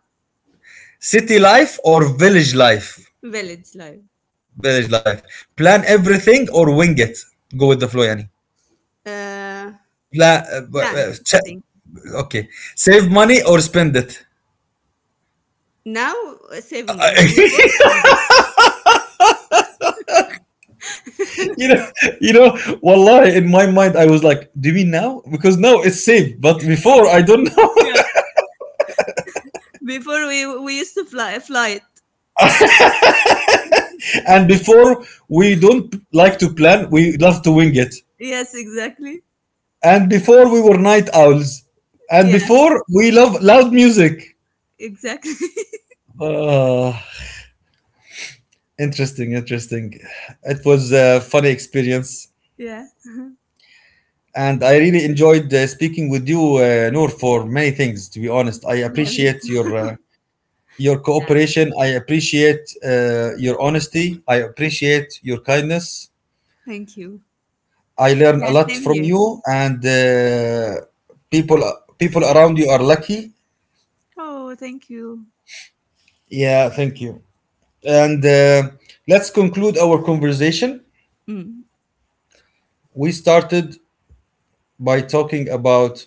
A: City life or village life?
B: Village life.
A: Village life. Plan everything or wing it. Go with the flow, yani.
B: Uh,
A: Pla- but bu-
B: Plan,
A: uh,
B: I
A: ch-
B: think.
A: okay. Save money or spend it.
B: Now, uh, save money. Before,
A: I-
B: spend it.
A: you know, you know, Wallahi, in my mind, I was like, do you mean now? Because now it's safe, but before, I don't know.
B: Yeah. Before we we used to fly fly it.
A: And before, we don't like to plan, we love to wing it.
B: Yes, exactly.
A: And before, we were night owls. And
B: Yeah,
A: before, we love loud music.
B: exactly.
A: Ah, interesting, interesting. It was a funny experience.
B: Yeah.
A: And I really enjoyed uh, speaking with you, uh, Noor, for many things. To be honest, I
B: Yeah, me
A: appreciate your
B: too.
A: uh, your
B: Yeah, me too.
A: cooperation. I appreciate uh, your honesty. I appreciate your kindness.
B: Thank you.
A: I learn a
B: Yeah,
A: lot
B: same
A: from
B: here.
A: you, and uh, people people around you are lucky.
B: Oh, thank you.
A: Yeah, thank you. And uh, let's conclude our conversation.
B: Mm.
A: We started by talking about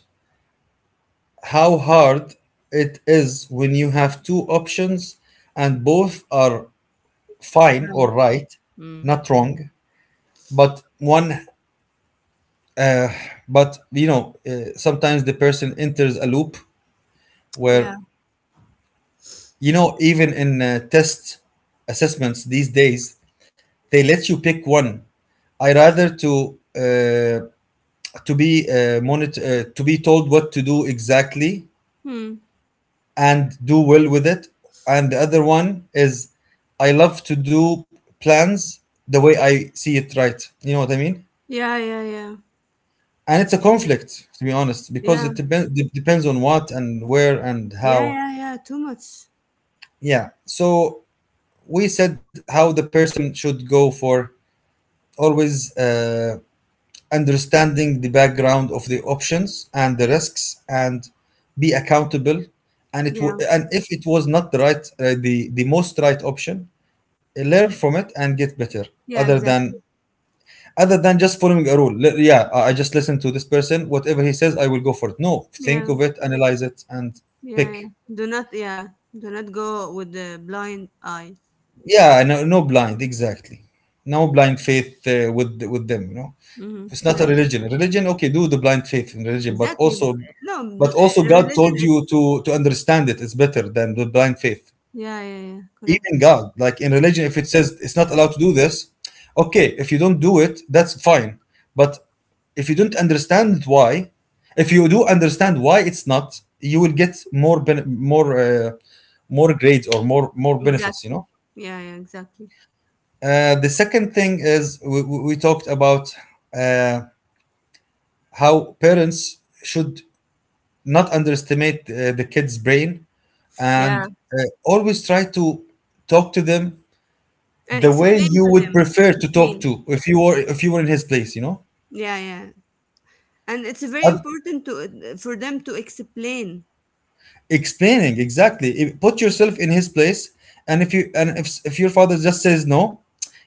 A: how hard it is when you have two options and both are fine or
B: Right.
A: right,
B: Mm.
A: not wrong, but one. But you know, uh, sometimes the person enters a loop
B: Yeah.
A: where, you know, even in uh, test assessments these days, they let you pick one. I rather to uh, to be uh, monitor, uh, to be told what to do exactly
B: Hmm.
A: and do well with it. And the other one is I love to do plans the way I see it right, you know what I mean?
B: Yeah, yeah, yeah.
A: And it's a
B: Yeah.
A: conflict, to be honest, because
B: Yeah.
A: it depends, depends on what and where and
B: Yeah,
A: how.
B: yeah, yeah. Too much.
A: Yeah, so we said how the person should go for always uh, understanding the background of the options and the risks, and be accountable. And it w-
B: Yeah.
A: and if it was not the right uh, the the most right option, learn from it and get better.
B: Yeah,
A: other than
B: exactly.
A: Other than just following a rule. Li- Yeah, I I just listen to this person. Whatever he says, I will go for it. No, think
B: Yeah.
A: of it, analyze it, and
B: Yeah, yeah.
A: pick.
B: Do not Yeah. Do not go with the blind eye.
A: Yeah, no, no blind, exactly. No blind faith uh, with with them. You know,
B: Mm-hmm.
A: it's not a
B: Correct.
A: religion. Religion, okay, do the blind faith in religion, but
B: Exactly.
A: also,
B: No, bl-
A: but also,
B: uh,
A: God
B: religion
A: told
B: it's,
A: you to to understand it. It's better than the blind faith.
B: yeah, yeah, yeah. Correct.
A: Even God, like in religion, if it says it's not allowed to do this, okay, if you don't do it, that's fine. But if you don't understand why, if you do understand why it's not, you will get more ben- more uh, more grades or more more benefits. You
B: Exactly.
A: know.
B: Yeah, yeah, exactly.
A: Uh, the second thing is we, we we talked about uh, how parents should not underestimate uh, the kid's brain,
B: Yeah.
A: and uh, always try to talk to them
B: And
A: the way
B: explain
A: you
B: to
A: would
B: them.
A: prefer to talk
B: Explain.
A: to if you were if you were in his place, you know?
B: Yeah, yeah. And it's very
A: Of
B: important to eh, for them to explain.
A: explaining exactly. If- put yourself in his place. And if you, and if, if your father just says no,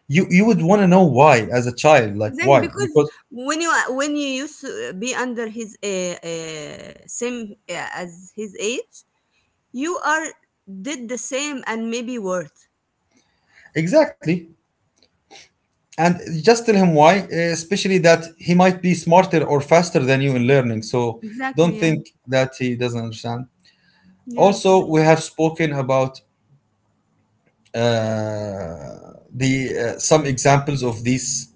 A: you you would want to know why as a child, like
B: Exactly,
A: why,
B: because
A: because
B: when you when you used to be under his uh, uh, same uh, as his age, you are did the same and maybe worse.
A: exactly. And just tell him why, uh, especially that he might be smarter or faster than you in learning, so don't
B: Exactly, yeah.
A: think that he doesn't understand.
B: Yeah.
A: Also,
B: Correct.
A: we have spoken about uh, the uh, some examples of these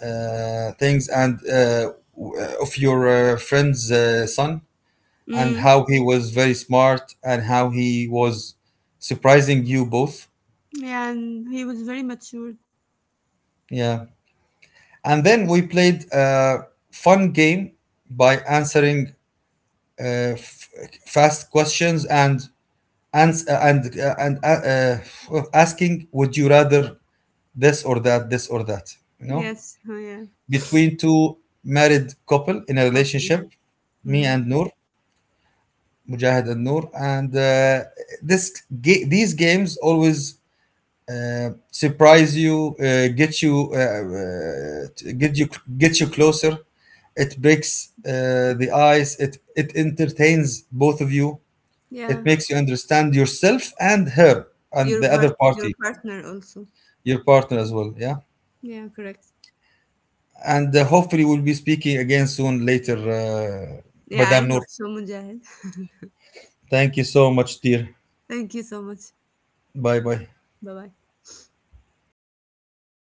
A: uh, things, and uh, w- uh, of your uh, friend's uh, son, and
B: Mm.
A: how he was very smart and how he was surprising you both.
B: Yeah, and he was very mature.
A: Yeah, and then we played a fun game by answering uh, f- fast questions and ans- uh, and uh, and uh, uh, asking would you rather this or that, this or that, you know,
B: Yes. Oh, yeah.
A: between two married couple in a
B: Couple, yeah.
A: relationship. Me
B: Mm-hmm.
A: and Noor, Mujahid and Noor. And uh, this ga- these games always uh, surprise you, uh, get you, uh, uh, t- get you, get you closer. It breaks uh, the ice. It it entertains both of you. It
B: Yeah.
A: makes you understand yourself and her and
B: Your
A: the
B: part,
A: other
B: your
A: party,
B: partner also.
A: your partner as well. Yeah,
B: Yeah, correct.
A: and uh, hopefully we'll be speaking again soon later, uh,
B: Yeah, I
A: Madame
B: hope
A: Noor.
B: so, Mujahid.
A: Thank you so much, dear.
B: Thank you so much.
A: Bye bye.
B: Bye bye.